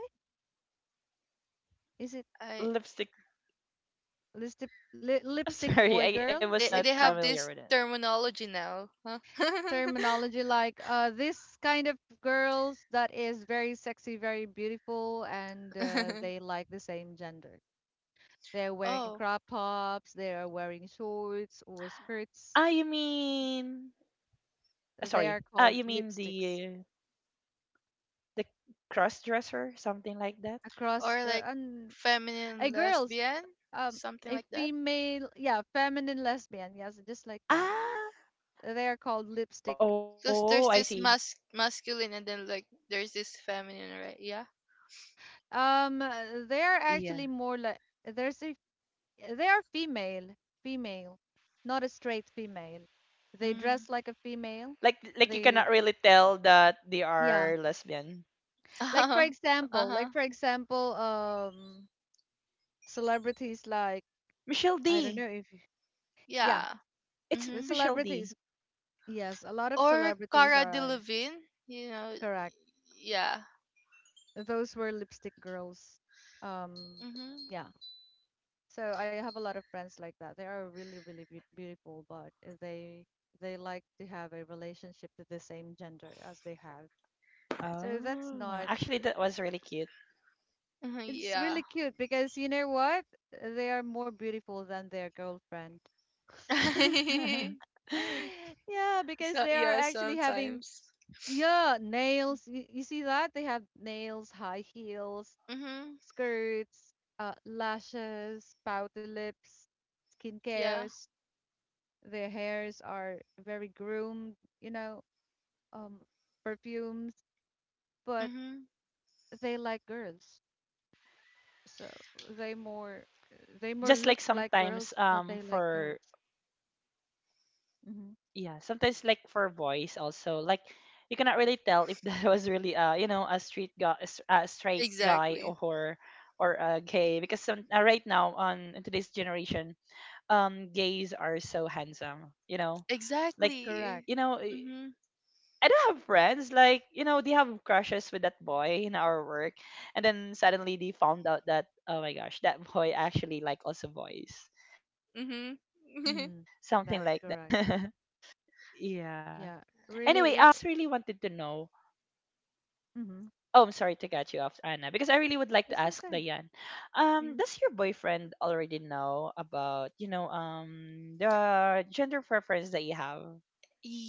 [SPEAKER 1] Is it
[SPEAKER 2] I
[SPEAKER 3] Lipstick I'm sorry, I
[SPEAKER 1] lipstick
[SPEAKER 3] was
[SPEAKER 1] boy
[SPEAKER 3] not
[SPEAKER 1] girl
[SPEAKER 3] familiar with.
[SPEAKER 1] like
[SPEAKER 2] they
[SPEAKER 1] that?
[SPEAKER 2] have this terminology now. Huh?
[SPEAKER 1] Terminology like this kind of girls that is very sexy, very beautiful, and they like the same gender. They're wearing
[SPEAKER 2] Oh,
[SPEAKER 1] crop tops, they are wearing shorts or skirts.
[SPEAKER 3] Ah, you mean
[SPEAKER 1] They are
[SPEAKER 3] sorry.
[SPEAKER 1] called
[SPEAKER 3] You mean
[SPEAKER 1] lipsticks,
[SPEAKER 3] the cross dresser, something like that?
[SPEAKER 1] across
[SPEAKER 2] or
[SPEAKER 1] dre-
[SPEAKER 2] like
[SPEAKER 1] and
[SPEAKER 2] feminine
[SPEAKER 1] a girls,
[SPEAKER 2] lesbian, something
[SPEAKER 1] a
[SPEAKER 2] like that.
[SPEAKER 1] female, yeah, feminine
[SPEAKER 3] Ah,
[SPEAKER 1] lesbian, yes, just like that. They are called lipstick.
[SPEAKER 3] oh, I
[SPEAKER 2] Because
[SPEAKER 3] see.
[SPEAKER 2] there's this masculine, and then like there's this feminine, right? Yeah.
[SPEAKER 1] They are
[SPEAKER 3] Yeah,
[SPEAKER 1] actually more like there's a yeah, they are female, female, not a straight female. They
[SPEAKER 2] Mm.
[SPEAKER 1] dress like a female.
[SPEAKER 3] like you cannot
[SPEAKER 1] They,
[SPEAKER 3] really tell that they
[SPEAKER 1] yeah.
[SPEAKER 3] are lesbian.
[SPEAKER 2] Uh-huh.
[SPEAKER 1] Like
[SPEAKER 2] Uh-huh.
[SPEAKER 1] for example, celebrities like I
[SPEAKER 3] Michelle
[SPEAKER 1] don't know if,
[SPEAKER 3] D.
[SPEAKER 1] yeah,
[SPEAKER 2] Yeah.
[SPEAKER 1] the
[SPEAKER 2] Mm-hmm.
[SPEAKER 3] It's Michelle
[SPEAKER 1] celebrities.
[SPEAKER 3] D.
[SPEAKER 1] Yes, a lot of
[SPEAKER 2] Or
[SPEAKER 1] celebrities
[SPEAKER 2] Cara
[SPEAKER 1] are
[SPEAKER 2] Delevingne, you know.
[SPEAKER 1] correct.
[SPEAKER 2] Yeah.
[SPEAKER 1] Those were lipstick girls. Um,
[SPEAKER 2] Mm-hmm.
[SPEAKER 1] yeah. So I have a lot of friends like that. They are really, really beautiful, but eh, they like to have a relationship to the same gender as they have. So that's not.
[SPEAKER 3] Oh, actually, that was really cute.
[SPEAKER 2] hmm
[SPEAKER 1] It's
[SPEAKER 2] Yeah.
[SPEAKER 1] really cute because you know what? They are more beautiful than their girlfriend. Yeah, because
[SPEAKER 2] So
[SPEAKER 1] they are
[SPEAKER 2] yeah,
[SPEAKER 1] actually having,
[SPEAKER 2] sometimes.
[SPEAKER 1] yeah, nails. You see that? They have nails, high heels,
[SPEAKER 2] Mm-hmm.
[SPEAKER 1] skirts, lashes, pout lips,
[SPEAKER 2] Yeah.
[SPEAKER 1] skincares. Their hairs are very groomed, you know, um, perfumes, but
[SPEAKER 2] Mm-hmm.
[SPEAKER 1] they like girls. So they more they more
[SPEAKER 3] Just
[SPEAKER 1] look
[SPEAKER 3] like
[SPEAKER 1] like
[SPEAKER 3] sometimes,
[SPEAKER 1] girls, but they like
[SPEAKER 3] for
[SPEAKER 1] girls. Mm-hmm.
[SPEAKER 3] yeah, sometimes like for boys also, like you cannot really tell if that was really a street guy a s- a straight guy
[SPEAKER 2] Exactly.
[SPEAKER 3] or a gay because some, right now on in today's generation gays are so handsome, you know, like,
[SPEAKER 2] Exactly.
[SPEAKER 1] Correct.
[SPEAKER 3] you know,
[SPEAKER 2] Mm-hmm.
[SPEAKER 3] I don't have friends like, you know, they have crushes with that boy in our work, and then suddenly they found out that, oh my gosh, that boy actually like also boys,
[SPEAKER 2] Mm-hmm.
[SPEAKER 3] something like that.
[SPEAKER 1] Mm, that's correct.
[SPEAKER 3] Yeah,
[SPEAKER 1] Yeah,
[SPEAKER 3] anyway,
[SPEAKER 1] really, it
[SPEAKER 3] Diane, I just really wanted to know.
[SPEAKER 1] mm-hmm,
[SPEAKER 3] Oh, I'm sorry to cut you off, Anna, because I really
[SPEAKER 1] this
[SPEAKER 3] would
[SPEAKER 1] is
[SPEAKER 3] like to
[SPEAKER 1] it.
[SPEAKER 3] ask Diane.
[SPEAKER 2] Mm.
[SPEAKER 3] Does your boyfriend already know about, you know, the gender preference that you have?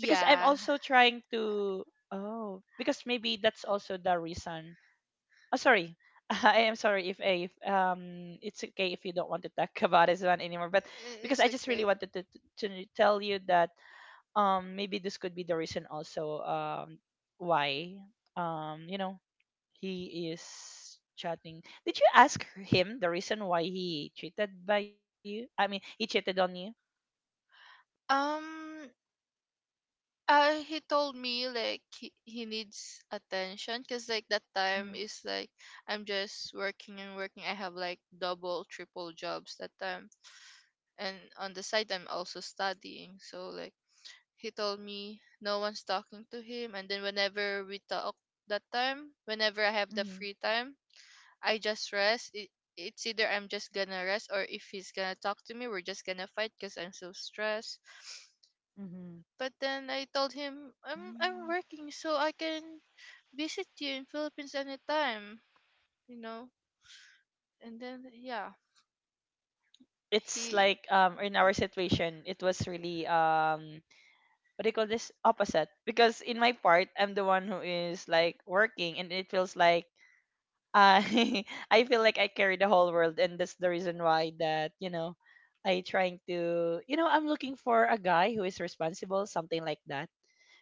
[SPEAKER 3] Because I'm also trying to. Oh, because maybe that's also the reason. Oh, sorry. I am sorry if, if it's okay if you don't want to talk about this one anymore. But because
[SPEAKER 2] It's
[SPEAKER 3] I just
[SPEAKER 2] okay.
[SPEAKER 3] really wanted to to tell you that maybe this could be the reason also, why, you know, he is chatting. Did you ask him the reason why he cheated by you? I mean, he cheated on you.
[SPEAKER 2] Um he told me like he needs attention because like that time
[SPEAKER 1] Mm-hmm.
[SPEAKER 2] is like I'm just working and working. I have like double, triple jobs that time, and on the side I'm also studying. So like he told me no one's talking to him, and then whenever we talk that time, whenever I have the
[SPEAKER 1] Mm-hmm.
[SPEAKER 2] free time, I just rest. It's either I'm just gonna rest or if he's gonna talk to me, we're just gonna fight because I'm so stressed. But then I told him I'm
[SPEAKER 3] Mm.
[SPEAKER 2] working so I can visit you in Philippines anytime, you know. And then yeah,
[SPEAKER 3] It's
[SPEAKER 2] he
[SPEAKER 3] like, in our situation, it was really, what do you call this, opposite, because in my part, I'm the one who is like working, and it feels like I I feel like I carry the whole world, and that's the reason why that, you know, I trying to, I'm looking for a guy who is responsible, something like that.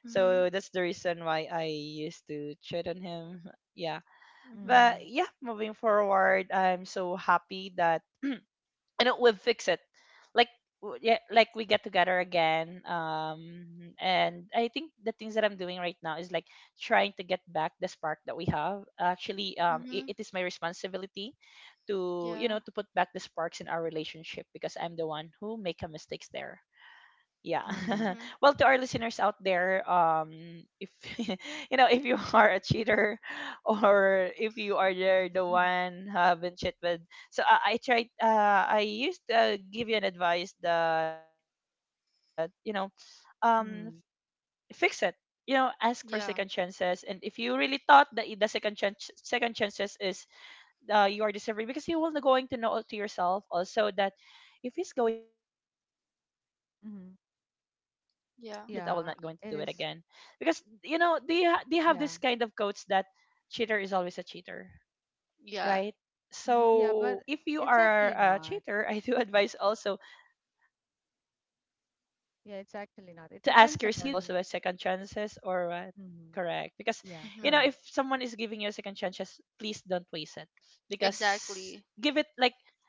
[SPEAKER 2] mhm
[SPEAKER 3] So that's the reason why I used to cheat on him. Yeah,
[SPEAKER 2] mhm
[SPEAKER 1] Mm-hmm.
[SPEAKER 3] but yeah, moving forward, I'm so happy that and it will fix it, like, yeah, like we get together again, and I think the things that I'm doing right now is like trying to get back the spark that we have actually. It,
[SPEAKER 2] mhm
[SPEAKER 3] it is my responsibility to, you
[SPEAKER 2] yeah
[SPEAKER 3] know, to put back the sparks in our relationship because I'm the one who make a mistakes there. Yeah.
[SPEAKER 1] Mm-hmm.
[SPEAKER 2] mhm
[SPEAKER 3] Well, to our listeners out there, if you know, if you are a cheater or if you are there the
[SPEAKER 1] Mm-hmm.
[SPEAKER 3] one who haven't cheated with, so I tried, I used to give you an advice that, you know, um fix it, you know, ask for second chances, and
[SPEAKER 2] yeah
[SPEAKER 3] if you really thought that the second chances is, your discovery, because you will going to know to yourself also that if he's going to give me a second chance, am I sure
[SPEAKER 1] Mm-hmm.
[SPEAKER 3] that I will not going to do it again?
[SPEAKER 2] yeah
[SPEAKER 1] Yeah,
[SPEAKER 3] Because
[SPEAKER 1] it
[SPEAKER 3] you know
[SPEAKER 1] is.
[SPEAKER 3] they they have this kind of quotes that
[SPEAKER 1] Yeah,
[SPEAKER 3] cheater is always a cheater, right?
[SPEAKER 2] yeah
[SPEAKER 3] So if
[SPEAKER 2] mhm
[SPEAKER 3] you
[SPEAKER 1] yeah, but
[SPEAKER 3] are a
[SPEAKER 1] it's
[SPEAKER 3] cheater,
[SPEAKER 1] actually
[SPEAKER 3] I do
[SPEAKER 1] not.
[SPEAKER 3] advise also to ask yourself that,
[SPEAKER 1] Yeah,
[SPEAKER 3] you
[SPEAKER 1] it's
[SPEAKER 3] know,
[SPEAKER 1] actually
[SPEAKER 3] do
[SPEAKER 1] not. It
[SPEAKER 3] you
[SPEAKER 1] depends
[SPEAKER 3] deserve also a
[SPEAKER 1] upon.
[SPEAKER 3] second chances or what?
[SPEAKER 1] Mm-hmm.
[SPEAKER 3] Correct, because,
[SPEAKER 1] Yeah,
[SPEAKER 2] mhm
[SPEAKER 3] you know,
[SPEAKER 1] correct.
[SPEAKER 3] if someone is giving you a second chances, please don't waste it.
[SPEAKER 2] exactly
[SPEAKER 3] Because give it, like,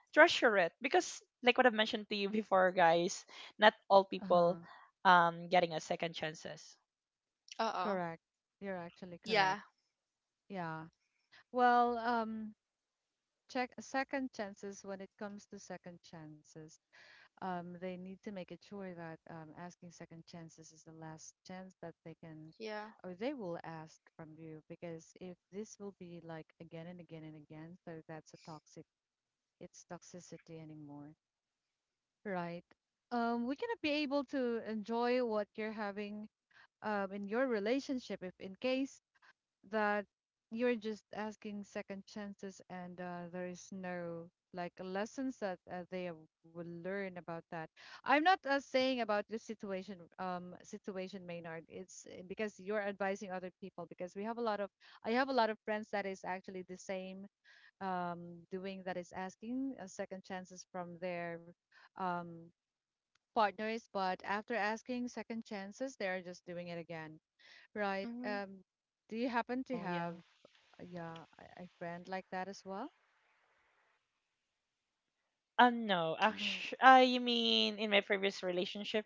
[SPEAKER 3] treasure it, because like what I've mentioned to you before, guys, not all
[SPEAKER 1] Uh-huh.
[SPEAKER 3] people getting a second chances.
[SPEAKER 2] uh oh
[SPEAKER 1] Correct. You're actually
[SPEAKER 2] yeah
[SPEAKER 1] correct. Yeah. Well, Check second chances. When it comes to second chances, they need to make it sure that asking second chances is the last chance that they can
[SPEAKER 2] yeah
[SPEAKER 1] or they will ask from you, because if this will be like again and again and again, so that's a toxic, it's toxicity anymore, right? We cannot be able to enjoy what you're having in your relationship if in case that you're just asking second chances and there is no like lessons that will learn about that. I'm not saying about this situation, Maynard. It's because you're advising other people, because we have a lot of I have a lot of friends that is actually the same, doing that is asking second chances from their um partners, but after asking second chances they're just doing it again, right?
[SPEAKER 2] mhm
[SPEAKER 1] Do you
[SPEAKER 3] Oh,
[SPEAKER 1] happen to
[SPEAKER 3] yeah.
[SPEAKER 1] have yeah, I friend like that as well.
[SPEAKER 3] No,
[SPEAKER 1] Um,
[SPEAKER 3] actually, you mean in my previous relationship?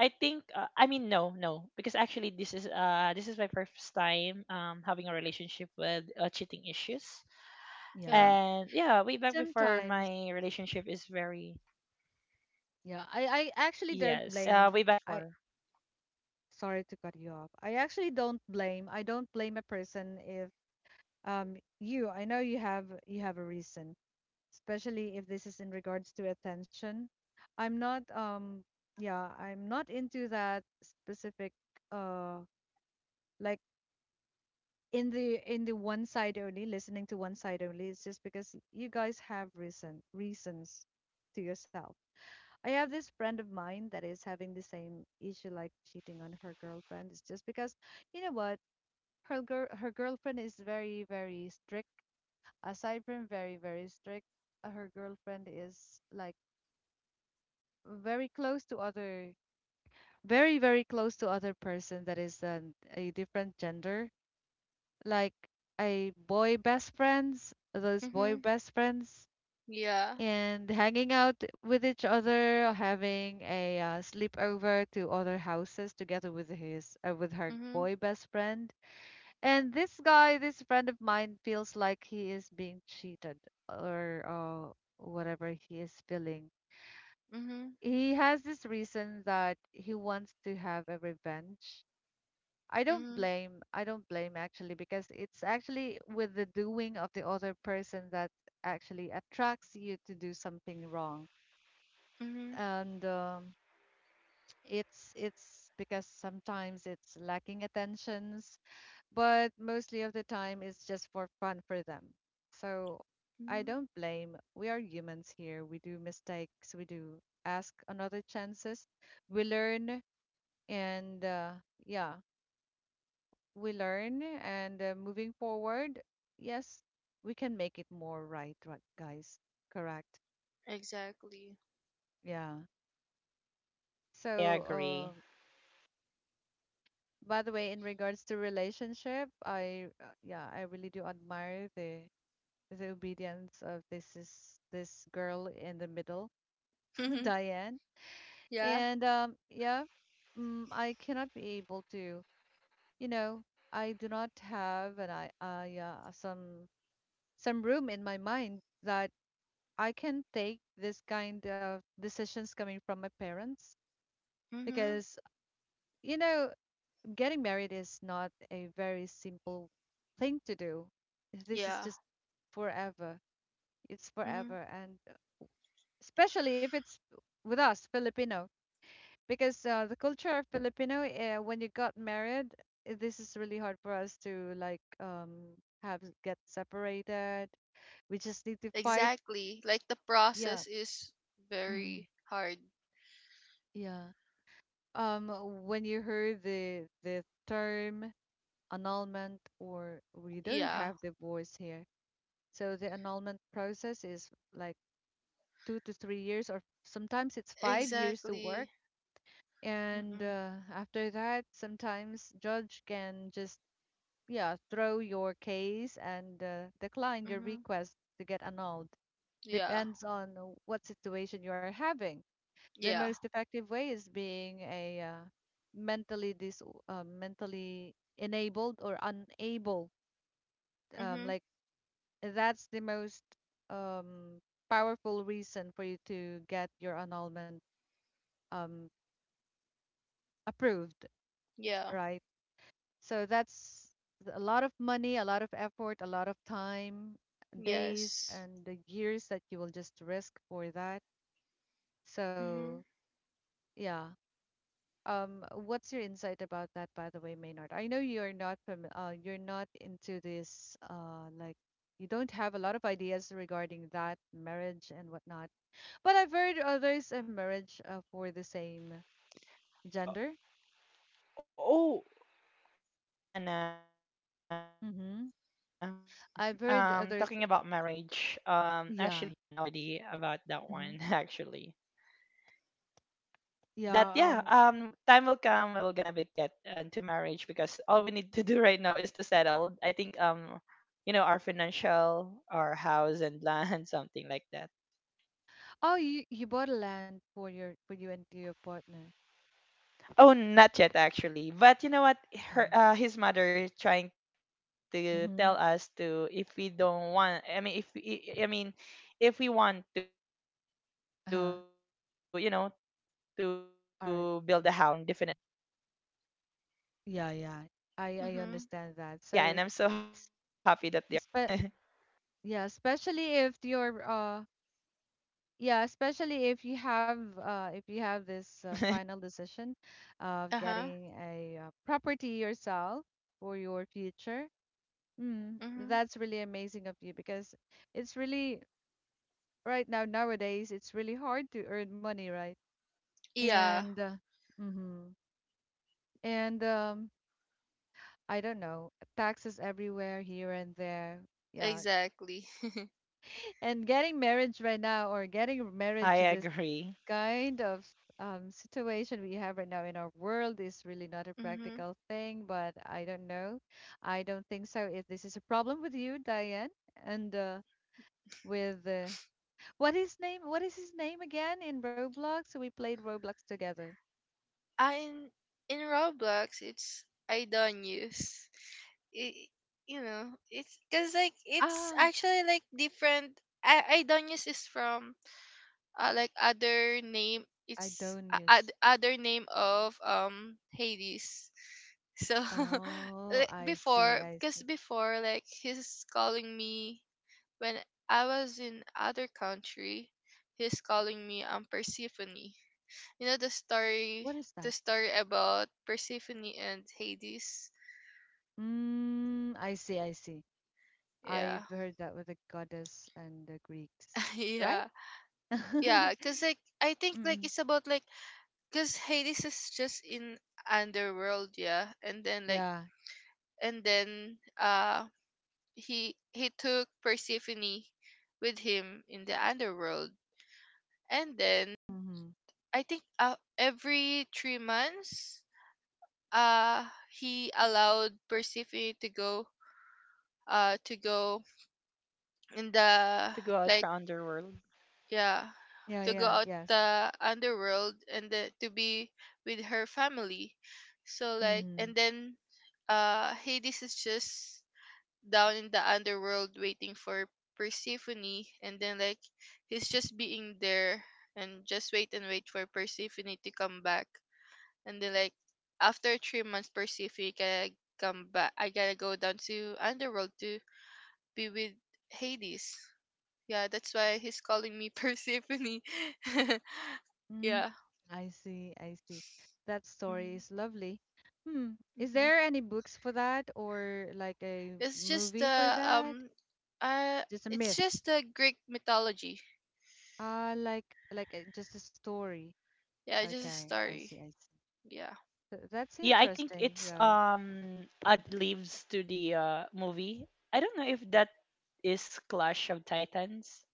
[SPEAKER 3] I think, I mean, no, no, because actually, this is my first time having a relationship with, cheating issues,
[SPEAKER 2] yeah
[SPEAKER 1] yeah,
[SPEAKER 3] and yeah, way back
[SPEAKER 1] sometimes,
[SPEAKER 3] before my relationship is very
[SPEAKER 1] yeah, I actually don't
[SPEAKER 3] yes,
[SPEAKER 1] blame.
[SPEAKER 3] way back
[SPEAKER 1] I
[SPEAKER 3] before.
[SPEAKER 1] sorry to cut you off. I actually don't blame. I don't blame a
[SPEAKER 3] It's okay.
[SPEAKER 1] person if you. I know you have a reason, especially if this is in regards to attention. I'm not Yeah, I'm not into that specific uh like in the one side only, listening to one side only. It's just because you guys have reasons to yourself. I have this friend of mine that is having the same issue like cheating on her girlfriend. It's just because you know what? Her girlfriend is very, very strict. Aside from very, very strict, her girlfriend is like very close to other very, very close to other person that is a different gender like a boy best friends, those boy
[SPEAKER 2] mhm
[SPEAKER 1] best friends,
[SPEAKER 2] yeah
[SPEAKER 1] and hanging out with each other, having a sleepover to other houses together with his with her
[SPEAKER 2] mhm
[SPEAKER 1] boy best friend. And this guy, this friend of mine, feels like he is being cheated or whatever he is feeling.
[SPEAKER 2] mhm
[SPEAKER 1] He has this reason that he wants to have a revenge. I don't
[SPEAKER 2] mhm
[SPEAKER 1] blame. I don't blame actually, because it's actually with the doing of the other person that actually attracts you to do something wrong.
[SPEAKER 2] mhm
[SPEAKER 1] And it's because sometimes it's lacking attentions, but mostly of the time it's just for fun for them. So I
[SPEAKER 2] mhm
[SPEAKER 1] don't blame. We are humans here. We do mistakes. We do ask another chances. We learn and yeah we learn and moving forward, yes, we can make it more right, right, guys. Correct.
[SPEAKER 2] exactly
[SPEAKER 1] Yeah.
[SPEAKER 3] I
[SPEAKER 1] So,
[SPEAKER 3] agree.
[SPEAKER 1] by the way, in regards to relationship, I yeah, I really do admire the obedience of this girl in the middle,
[SPEAKER 2] mhm
[SPEAKER 1] Diane.
[SPEAKER 2] yeah
[SPEAKER 1] And yeah, mm, I cannot be able to, you know, I do not have and I yeah, some room in my mind that I can take this kind of decisions coming from my parents
[SPEAKER 2] mhm
[SPEAKER 1] because, you know, getting married is not a very simple thing to do. This is
[SPEAKER 2] yeah
[SPEAKER 1] just forever. It's
[SPEAKER 2] mhm
[SPEAKER 1] forever. And especially if it's with us Filipino, because the culture of Filipino, when you got married, this is really hard for us to like have get separated. We just need to fight.
[SPEAKER 2] Exactly. Like the
[SPEAKER 1] Yeah,
[SPEAKER 2] process is
[SPEAKER 1] mm,
[SPEAKER 2] very hard.
[SPEAKER 1] yeah. Um, when you heard the term annulment, or we don't
[SPEAKER 2] Yeah.
[SPEAKER 1] have divorce here, so the annulment process is like two to three years, or sometimes it's five years to work,
[SPEAKER 2] Exactly.
[SPEAKER 1] and
[SPEAKER 2] Mm-mm.
[SPEAKER 1] after that, sometimes judge can just yeah throw your case and decline your
[SPEAKER 2] Mhm.
[SPEAKER 1] request to get annulled.
[SPEAKER 2] Yeah.
[SPEAKER 1] Depends on what situation you are having. The
[SPEAKER 2] Yeah.
[SPEAKER 1] most effective way is being a mentally enabled or unable.
[SPEAKER 2] Mhm.
[SPEAKER 1] Like that's the most um, powerful reason for you to get your annulment um, approved,
[SPEAKER 2] Yeah.
[SPEAKER 1] right? So that's a lot of money, a lot of effort, a lot of time, days,
[SPEAKER 2] Yes.
[SPEAKER 1] and the years that you will just risk for that. So
[SPEAKER 2] Mhm.
[SPEAKER 1] yeah, what's your insight about that, by the way, Maynard? I know you're not from, you're not into this, like you don't have a lot of ideas regarding that marriage and whatnot. But I've heard there's a marriage for the same gender.
[SPEAKER 3] Oh, you know what, Anna, talking about
[SPEAKER 1] Mm-hmm.
[SPEAKER 3] marriage,
[SPEAKER 1] I've
[SPEAKER 3] actually,
[SPEAKER 1] heard
[SPEAKER 3] me and my
[SPEAKER 1] there's,
[SPEAKER 3] boyfriend having a
[SPEAKER 1] yeah,
[SPEAKER 3] plan already about
[SPEAKER 1] mm-hmm.
[SPEAKER 3] that one actually. That
[SPEAKER 1] Yeah.
[SPEAKER 3] yeah, time will come we're gonna be get into marriage, because all we need to do right now is to settle. I think, you know, our financial, our house and land, something like that.
[SPEAKER 1] Oh, you bought a land for your for you and your partner.
[SPEAKER 3] Oh, not yet actually. But you know what?
[SPEAKER 1] Uh,
[SPEAKER 3] Her, his mother is trying to
[SPEAKER 1] mm-hmm.
[SPEAKER 3] tell us to if we don't want. I mean, if we- I mean, if we want to, you know, to
[SPEAKER 1] Uh-huh.
[SPEAKER 3] build a house, we can definitely build a house
[SPEAKER 1] All
[SPEAKER 3] in
[SPEAKER 1] right.
[SPEAKER 3] their land.
[SPEAKER 1] Yeah, yeah. I
[SPEAKER 2] Mhm.
[SPEAKER 1] understand that.
[SPEAKER 3] Yeah,
[SPEAKER 1] So.
[SPEAKER 3] and I'm so happy that they are supportive.
[SPEAKER 1] Spe- Yeah, especially if you're yeah, especially if you have this final decision of
[SPEAKER 2] Uh-huh.
[SPEAKER 1] getting a property yourself for your future. Mm,
[SPEAKER 2] Mhm.
[SPEAKER 1] that's really amazing of you because it's really right now nowadays it's really hard to earn money, right?
[SPEAKER 2] Yeah.
[SPEAKER 1] And mm-hmm. And I don't know, taxes everywhere here and there. Yeah,
[SPEAKER 2] Exactly.
[SPEAKER 1] and getting marriage right
[SPEAKER 3] I
[SPEAKER 1] now or getting
[SPEAKER 3] agree.
[SPEAKER 1] marriage this kind of situation we have right now in our world is really not a
[SPEAKER 2] Mhm.
[SPEAKER 1] practical thing, but I don't know, I don't think so if this is a problem with you, Diane, and with what his name what is his name again in Roblox, we played Roblox together.
[SPEAKER 2] I In Roblox it's I don't use. It, you know, it's cuz like it's
[SPEAKER 1] Ah,
[SPEAKER 2] actually like different I don't use is from like other name
[SPEAKER 1] I
[SPEAKER 2] it's
[SPEAKER 1] don't use.
[SPEAKER 2] other name of Hades. So
[SPEAKER 1] Oh,
[SPEAKER 2] like
[SPEAKER 1] I see,
[SPEAKER 2] before
[SPEAKER 1] I
[SPEAKER 2] because
[SPEAKER 1] see.
[SPEAKER 2] before like he's calling me when I was in other country, he's calling me Persephone. You know
[SPEAKER 1] What is that?
[SPEAKER 2] the story about Persephone and Hades.
[SPEAKER 1] Mm, I see, I see.
[SPEAKER 2] Yeah.
[SPEAKER 1] I've heard that with the goddess and the Greeks, right?
[SPEAKER 2] yeah.
[SPEAKER 1] mm
[SPEAKER 2] Yeah, cuz like I think like it's about like cuz Hades is just in underworld, yeah. And then like
[SPEAKER 1] yeah.
[SPEAKER 2] and then uh he took Persephone with him in the underworld and then
[SPEAKER 1] Hmm.
[SPEAKER 2] I think every 3 months he allowed Persephone to go in the
[SPEAKER 3] To go
[SPEAKER 2] like
[SPEAKER 3] out for Underworld.
[SPEAKER 2] yeah
[SPEAKER 1] Yeah,
[SPEAKER 2] to go
[SPEAKER 1] yeah,
[SPEAKER 2] out
[SPEAKER 1] yes.
[SPEAKER 2] the underworld and, the, to be with her family so like and
[SPEAKER 1] Hmm.
[SPEAKER 2] then Hades is just down in the underworld waiting for Persephone and then like he's just being there and just wait for Persephone to come back and then like after 3 months Persephone gotta come back I gotta go down to underworld to be with Hades. Yeah, that's why he's calling me Persephone.
[SPEAKER 1] Mm.
[SPEAKER 2] yeah.
[SPEAKER 1] I see, I see. That story
[SPEAKER 2] Mhm.
[SPEAKER 1] is lovely. Hmm. Is
[SPEAKER 2] Mhm.
[SPEAKER 1] there any books for that or like a
[SPEAKER 2] It's just
[SPEAKER 1] movie for
[SPEAKER 2] uh,
[SPEAKER 1] that?
[SPEAKER 2] um uh
[SPEAKER 1] Just a
[SPEAKER 2] it's
[SPEAKER 1] myth.
[SPEAKER 2] just the Greek mythology.
[SPEAKER 1] Uh, like like just a story.
[SPEAKER 2] Yeah, just a
[SPEAKER 1] Okay, I
[SPEAKER 2] story.
[SPEAKER 1] see, I see.
[SPEAKER 2] Yeah.
[SPEAKER 1] Th that's
[SPEAKER 3] Yeah, I think
[SPEAKER 1] interesting
[SPEAKER 3] it's
[SPEAKER 1] though.
[SPEAKER 3] ad libs to the movie. I don't know if that is Clash of Titans,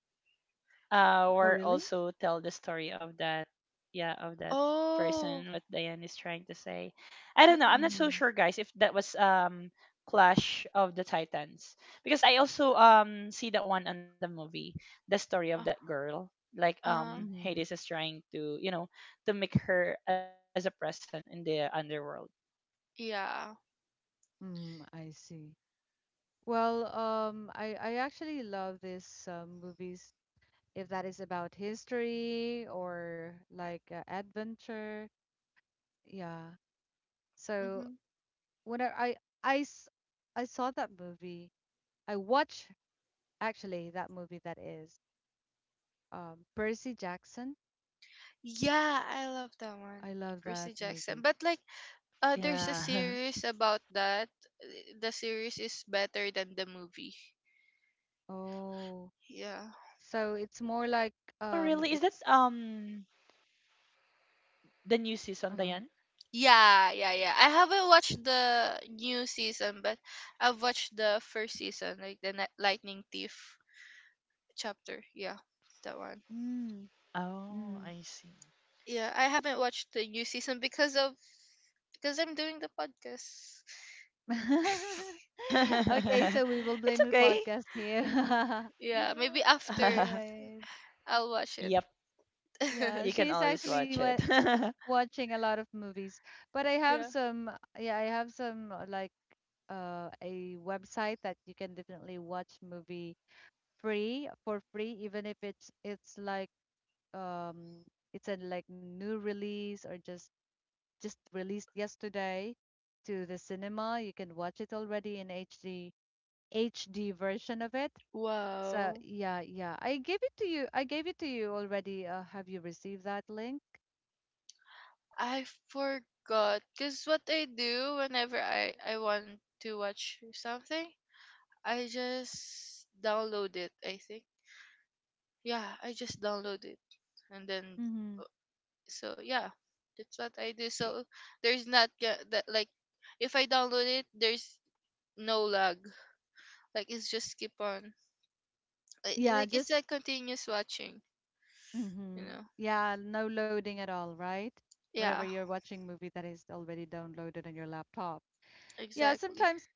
[SPEAKER 1] Oh,
[SPEAKER 3] or
[SPEAKER 1] really?
[SPEAKER 3] also tell the story of that, yeah, of that
[SPEAKER 2] Oh.
[SPEAKER 3] person, what Diane is trying to say. I don't know. I'm
[SPEAKER 2] Mm-hmm.
[SPEAKER 3] not so
[SPEAKER 1] Mm-hmm.
[SPEAKER 3] sure, guys, if that was Clash of the Titans, because I also see that one on the movie, the story of
[SPEAKER 2] Uh,
[SPEAKER 3] that girl. Like,
[SPEAKER 2] uh-huh.
[SPEAKER 1] Mm-hmm.
[SPEAKER 3] Hades is trying to, you know, to make her as a present in the underworld.
[SPEAKER 2] Yeah.
[SPEAKER 1] Mm, I see. Well, I actually love these movies if that is about history or like adventure. Yeah. So
[SPEAKER 2] Mm-hmm.
[SPEAKER 1] when I s- I saw that movie, I watch actually that movie that is Percy Jackson.
[SPEAKER 2] Yeah, I love that one.
[SPEAKER 1] I love
[SPEAKER 2] Percy
[SPEAKER 1] that
[SPEAKER 2] Jackson.
[SPEAKER 1] movie.
[SPEAKER 2] But like there's a
[SPEAKER 3] Yeah.
[SPEAKER 2] series about that. The series is better than the movie.
[SPEAKER 1] Oh,
[SPEAKER 2] Yeah.
[SPEAKER 1] so
[SPEAKER 3] Oh,
[SPEAKER 1] it's more
[SPEAKER 3] really? Is
[SPEAKER 1] like
[SPEAKER 3] that,
[SPEAKER 1] it's
[SPEAKER 3] the new season, Diane?
[SPEAKER 1] uh-huh.
[SPEAKER 2] Yeah, yeah, yeah. I haven't watched the new season, but I've watched the first season, like the Lightning Thief chapter. Yeah, that one.
[SPEAKER 1] Mm,
[SPEAKER 3] Oh,
[SPEAKER 1] mm.
[SPEAKER 3] I see.
[SPEAKER 2] Yeah, I haven't watched the new season because of because I'm doing the podcast.
[SPEAKER 1] Okay, so we will
[SPEAKER 3] It's
[SPEAKER 1] blame the
[SPEAKER 3] okay.
[SPEAKER 1] podcast here.
[SPEAKER 2] Yeah, maybe
[SPEAKER 1] All
[SPEAKER 2] after.
[SPEAKER 1] right.
[SPEAKER 2] I'll watch it.
[SPEAKER 3] Yep,
[SPEAKER 1] Yeah,
[SPEAKER 3] you can
[SPEAKER 1] she's
[SPEAKER 3] always
[SPEAKER 1] actually
[SPEAKER 3] watch
[SPEAKER 1] wa
[SPEAKER 3] it.
[SPEAKER 1] watching a lot of movies. But I
[SPEAKER 2] yeah.
[SPEAKER 1] have some, yeah, I have some like a website that you can definitely watch movie free for free, even if it's like um it's a like new release or just released yesterday to the cinema. You can watch it already in HD HD version of it. So
[SPEAKER 2] Wow.
[SPEAKER 1] yeah, yeah. I gave it to you. I gave it to you already. Have you received that link?
[SPEAKER 2] I forgot. Cause what I do whenever I want to watch something, I just download it. I think. Yeah, I just download it, and then
[SPEAKER 1] Mm-hmm.
[SPEAKER 2] uh, so yeah, that's what I do.
[SPEAKER 1] Y-
[SPEAKER 2] So there's not ga- that like if I download it, there's no lag. Like it's just keep on. Like,
[SPEAKER 1] Yeah,
[SPEAKER 2] like it's
[SPEAKER 1] just
[SPEAKER 2] like continuous watching. You
[SPEAKER 1] mm-hmm.
[SPEAKER 2] know.
[SPEAKER 1] Yeah, no loading at all, right? Whenever
[SPEAKER 2] Yeah.
[SPEAKER 1] you're watching movie that is already downloaded on your laptop. Yeah,
[SPEAKER 2] Exactly.
[SPEAKER 1] sometimes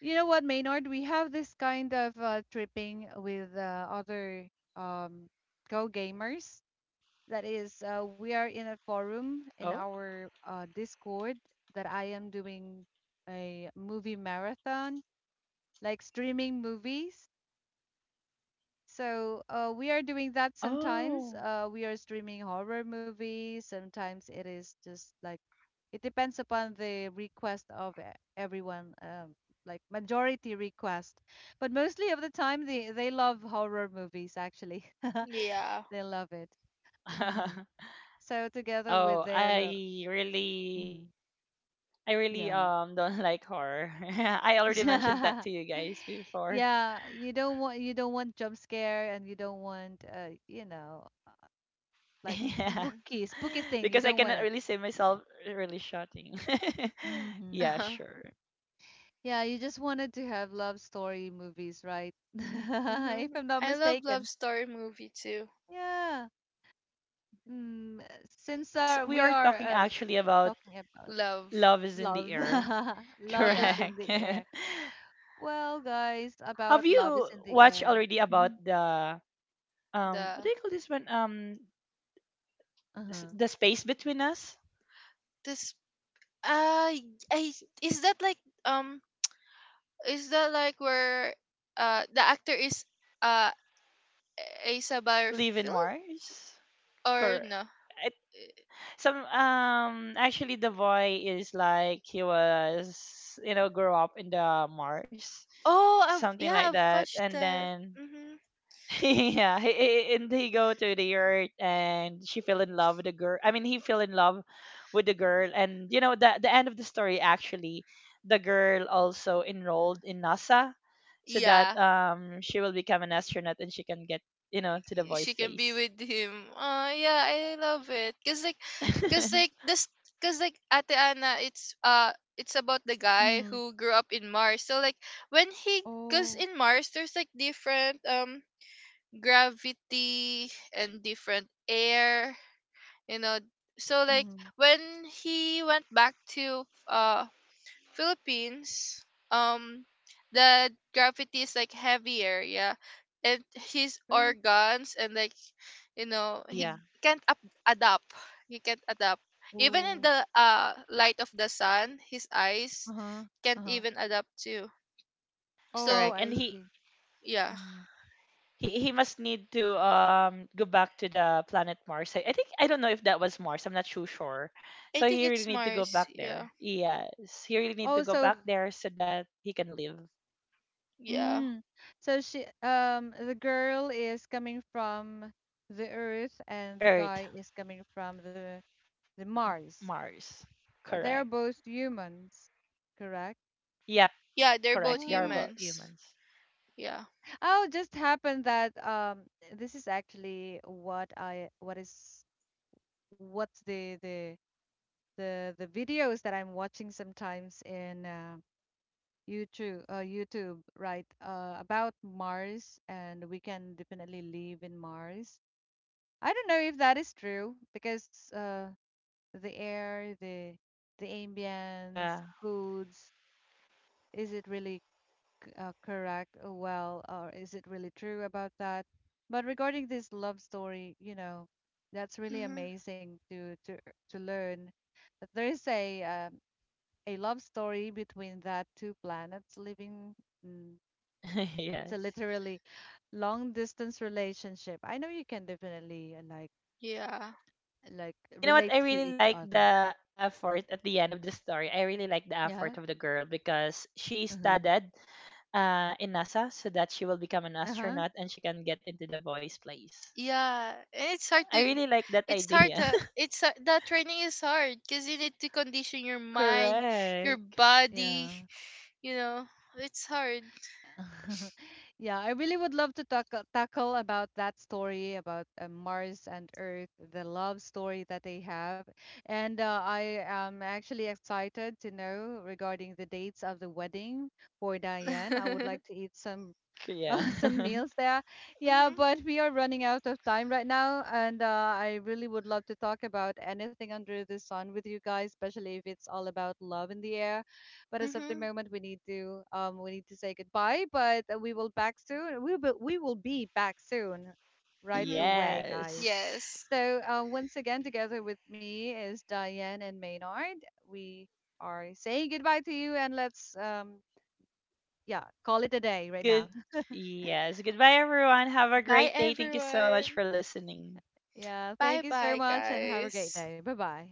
[SPEAKER 1] you know what, Maynard, we have this kind of tripping with other um Go gamers. That is, we are in a
[SPEAKER 3] Oh,
[SPEAKER 1] forum in our Discord that I am doing a movie marathon like streaming movies. So we are doing that
[SPEAKER 3] oh,
[SPEAKER 1] sometimes. We are streaming horror movies. Sometimes it is just like it depends upon the request of everyone, like majority request. But mostly of the time, they love horror movies. Actually,
[SPEAKER 2] Yeah.
[SPEAKER 1] they love it. Hmm. So together with
[SPEAKER 3] oh!
[SPEAKER 1] their love, hmm,
[SPEAKER 3] I really
[SPEAKER 1] yeah.
[SPEAKER 3] don't like horror. I already mentioned that to you guys before.
[SPEAKER 1] Yeah, you don't want jump scare and you don't want you know like
[SPEAKER 3] Yeah,
[SPEAKER 2] Mm-hmm.
[SPEAKER 1] spooky, spooky thing. You
[SPEAKER 3] because
[SPEAKER 1] don't
[SPEAKER 3] I
[SPEAKER 1] want it.
[SPEAKER 3] cannot really see myself really shouting.
[SPEAKER 1] Hmm.
[SPEAKER 3] Yeah,
[SPEAKER 2] Uh-huh.
[SPEAKER 3] sure.
[SPEAKER 1] Yeah, you just wanted to have love story movies, right? If
[SPEAKER 2] Mhm.
[SPEAKER 1] I'm not
[SPEAKER 2] I love love
[SPEAKER 1] mistaken.
[SPEAKER 2] story movie too.
[SPEAKER 1] Yeah. Mm, eh, since
[SPEAKER 3] We
[SPEAKER 1] we
[SPEAKER 3] are
[SPEAKER 1] are
[SPEAKER 3] talking actually about
[SPEAKER 1] talking about
[SPEAKER 2] Love.
[SPEAKER 3] love is in
[SPEAKER 1] love,
[SPEAKER 3] the air,
[SPEAKER 1] love is
[SPEAKER 2] Yeah.
[SPEAKER 1] in the
[SPEAKER 3] correct?
[SPEAKER 1] air. Well, guys, about
[SPEAKER 3] Have
[SPEAKER 1] love is
[SPEAKER 3] you
[SPEAKER 1] in the
[SPEAKER 3] watched
[SPEAKER 1] air.
[SPEAKER 3] already about
[SPEAKER 1] Hmm.
[SPEAKER 3] the
[SPEAKER 2] The
[SPEAKER 3] what do you call this one,
[SPEAKER 1] Uh-huh.
[SPEAKER 3] the space between us,
[SPEAKER 2] this uh I
[SPEAKER 3] s-
[SPEAKER 2] Is that like um is that like where the actor is uh Asa
[SPEAKER 3] live in
[SPEAKER 2] Butterfield
[SPEAKER 3] wars,
[SPEAKER 2] or
[SPEAKER 3] correct.
[SPEAKER 2] no?
[SPEAKER 3] It, some actually the boy is like he was, you know, grow up in the mars,
[SPEAKER 2] Oh, I've,
[SPEAKER 3] something
[SPEAKER 2] yeah,
[SPEAKER 3] like
[SPEAKER 2] I've
[SPEAKER 3] that,
[SPEAKER 2] watched
[SPEAKER 3] and
[SPEAKER 2] that.
[SPEAKER 3] then
[SPEAKER 2] Mhm.
[SPEAKER 3] yeah, he, and he go to the earth, and she fell in love with the girl. I mean, he fell in love with the girl, and you know the end of the story, actually, the girl also enrolled in NASA, so that
[SPEAKER 2] Yeah,
[SPEAKER 3] she will become an astronaut and she can get, you know, to the
[SPEAKER 2] she
[SPEAKER 3] voice
[SPEAKER 2] can be
[SPEAKER 3] place.
[SPEAKER 2] with him. Oh yeah, I love it. Cause like this, cause like Ate Ana, it's about the guy
[SPEAKER 1] Hmm.
[SPEAKER 2] who grew up in Mars. So like when he, cause
[SPEAKER 1] Oh.
[SPEAKER 2] in Mars there's like different gravity and different air, you know. So like
[SPEAKER 1] Hmm.
[SPEAKER 2] when he went back to Philippines, um, the gravity is like heavier, yeah, and his
[SPEAKER 1] Really?
[SPEAKER 2] organs and like he
[SPEAKER 1] Hmm.
[SPEAKER 3] Yeah,
[SPEAKER 2] can't up- adapt he can't adapt even in
[SPEAKER 1] Oh.
[SPEAKER 2] the light of the sun his eyes
[SPEAKER 1] Uh-huh.
[SPEAKER 2] can't
[SPEAKER 1] Uh-huh.
[SPEAKER 2] even adapt to
[SPEAKER 1] Oh,
[SPEAKER 2] so
[SPEAKER 3] correct.
[SPEAKER 1] I
[SPEAKER 3] And he.
[SPEAKER 1] see.
[SPEAKER 2] yeah
[SPEAKER 3] He must need to go back to the planet Mars. I think I don't know if that was Mars. I'm not too sure.
[SPEAKER 2] I
[SPEAKER 3] So
[SPEAKER 2] think
[SPEAKER 3] he really
[SPEAKER 2] it's
[SPEAKER 3] need to go
[SPEAKER 2] mars
[SPEAKER 3] back
[SPEAKER 2] yeah
[SPEAKER 3] there. Yes, he really need to
[SPEAKER 1] Oh,
[SPEAKER 3] go
[SPEAKER 1] so
[SPEAKER 3] back there so that he can live
[SPEAKER 2] yeah
[SPEAKER 1] mm. So she, the girl is coming from the Earth and the
[SPEAKER 3] Earth,
[SPEAKER 1] guy is coming from the Mars,
[SPEAKER 3] Mars. Correct.
[SPEAKER 1] but they are both humans, correct?
[SPEAKER 3] Yep,
[SPEAKER 2] yeah
[SPEAKER 3] correct.
[SPEAKER 2] they're
[SPEAKER 3] They are
[SPEAKER 2] both
[SPEAKER 3] both
[SPEAKER 1] Wow.
[SPEAKER 3] humans.
[SPEAKER 2] humans yeah
[SPEAKER 1] Oh, just happened that this is actually what I what is what's the the videos that I'm watching sometimes in YouTube, YouTube, right? About Mars, and we can definitely live in Mars. I don't know if that is true because the air, the ambience,
[SPEAKER 3] Yeah.
[SPEAKER 1] foods, is it really correct or well, or is it really true about that? But regarding this love story, you know, that's really
[SPEAKER 2] hmm
[SPEAKER 1] amazing to to learn. That There is a love story between that two planets living. Mm, it's a
[SPEAKER 3] Yes.
[SPEAKER 1] literally long distance relationship. I know you can definitely
[SPEAKER 2] yeah
[SPEAKER 1] like
[SPEAKER 3] You know what?
[SPEAKER 1] relate
[SPEAKER 3] I
[SPEAKER 1] to
[SPEAKER 3] really
[SPEAKER 1] each
[SPEAKER 3] like
[SPEAKER 1] other.
[SPEAKER 3] the effort at the end of the story. I really like the
[SPEAKER 1] Yeah.
[SPEAKER 3] effort of the girl because she
[SPEAKER 1] Uh-huh.
[SPEAKER 3] studied, in NASA so that she will become an
[SPEAKER 1] Uh-huh.
[SPEAKER 3] astronaut and she can get into the voice place.
[SPEAKER 2] yeah and
[SPEAKER 3] I really like that
[SPEAKER 2] it's hard
[SPEAKER 3] idea.
[SPEAKER 2] to it's that training is hard because you need to condition your mind your
[SPEAKER 3] Correct.
[SPEAKER 2] body
[SPEAKER 1] Yeah.
[SPEAKER 2] you know it's hard
[SPEAKER 1] Yeah, I really would love to tackle about that story about Mars and Earth, the love story that they have. And I am actually excited to know regarding the dates of the wedding for Diane. I would like to eat some
[SPEAKER 3] Yeah.
[SPEAKER 1] some meals there. Yeah, but
[SPEAKER 2] mhm
[SPEAKER 1] we are running out of time right now, and I really would love to talk about anything under the sun with you guys, especially if it's all about love in the air. But as of the
[SPEAKER 2] mhm
[SPEAKER 1] moment, we need to say goodbye. But we will back soon. We will be back soon. Right
[SPEAKER 2] mhm
[SPEAKER 1] away, guys.
[SPEAKER 3] Yes.
[SPEAKER 2] Yes.
[SPEAKER 1] So, once again, together with me is Diane and Maynard. We are saying goodbye to you, and let's, yeah, call it a day right now.
[SPEAKER 3] Good. Yes. Goodbye, everyone. Have a
[SPEAKER 2] Bye,
[SPEAKER 3] great day. Thank you so much
[SPEAKER 2] everyone.
[SPEAKER 3] for listening.
[SPEAKER 1] Yeah,
[SPEAKER 2] Bye
[SPEAKER 1] thank you so
[SPEAKER 2] bye,
[SPEAKER 1] much and have a great
[SPEAKER 2] guys.
[SPEAKER 1] day. Bye bye.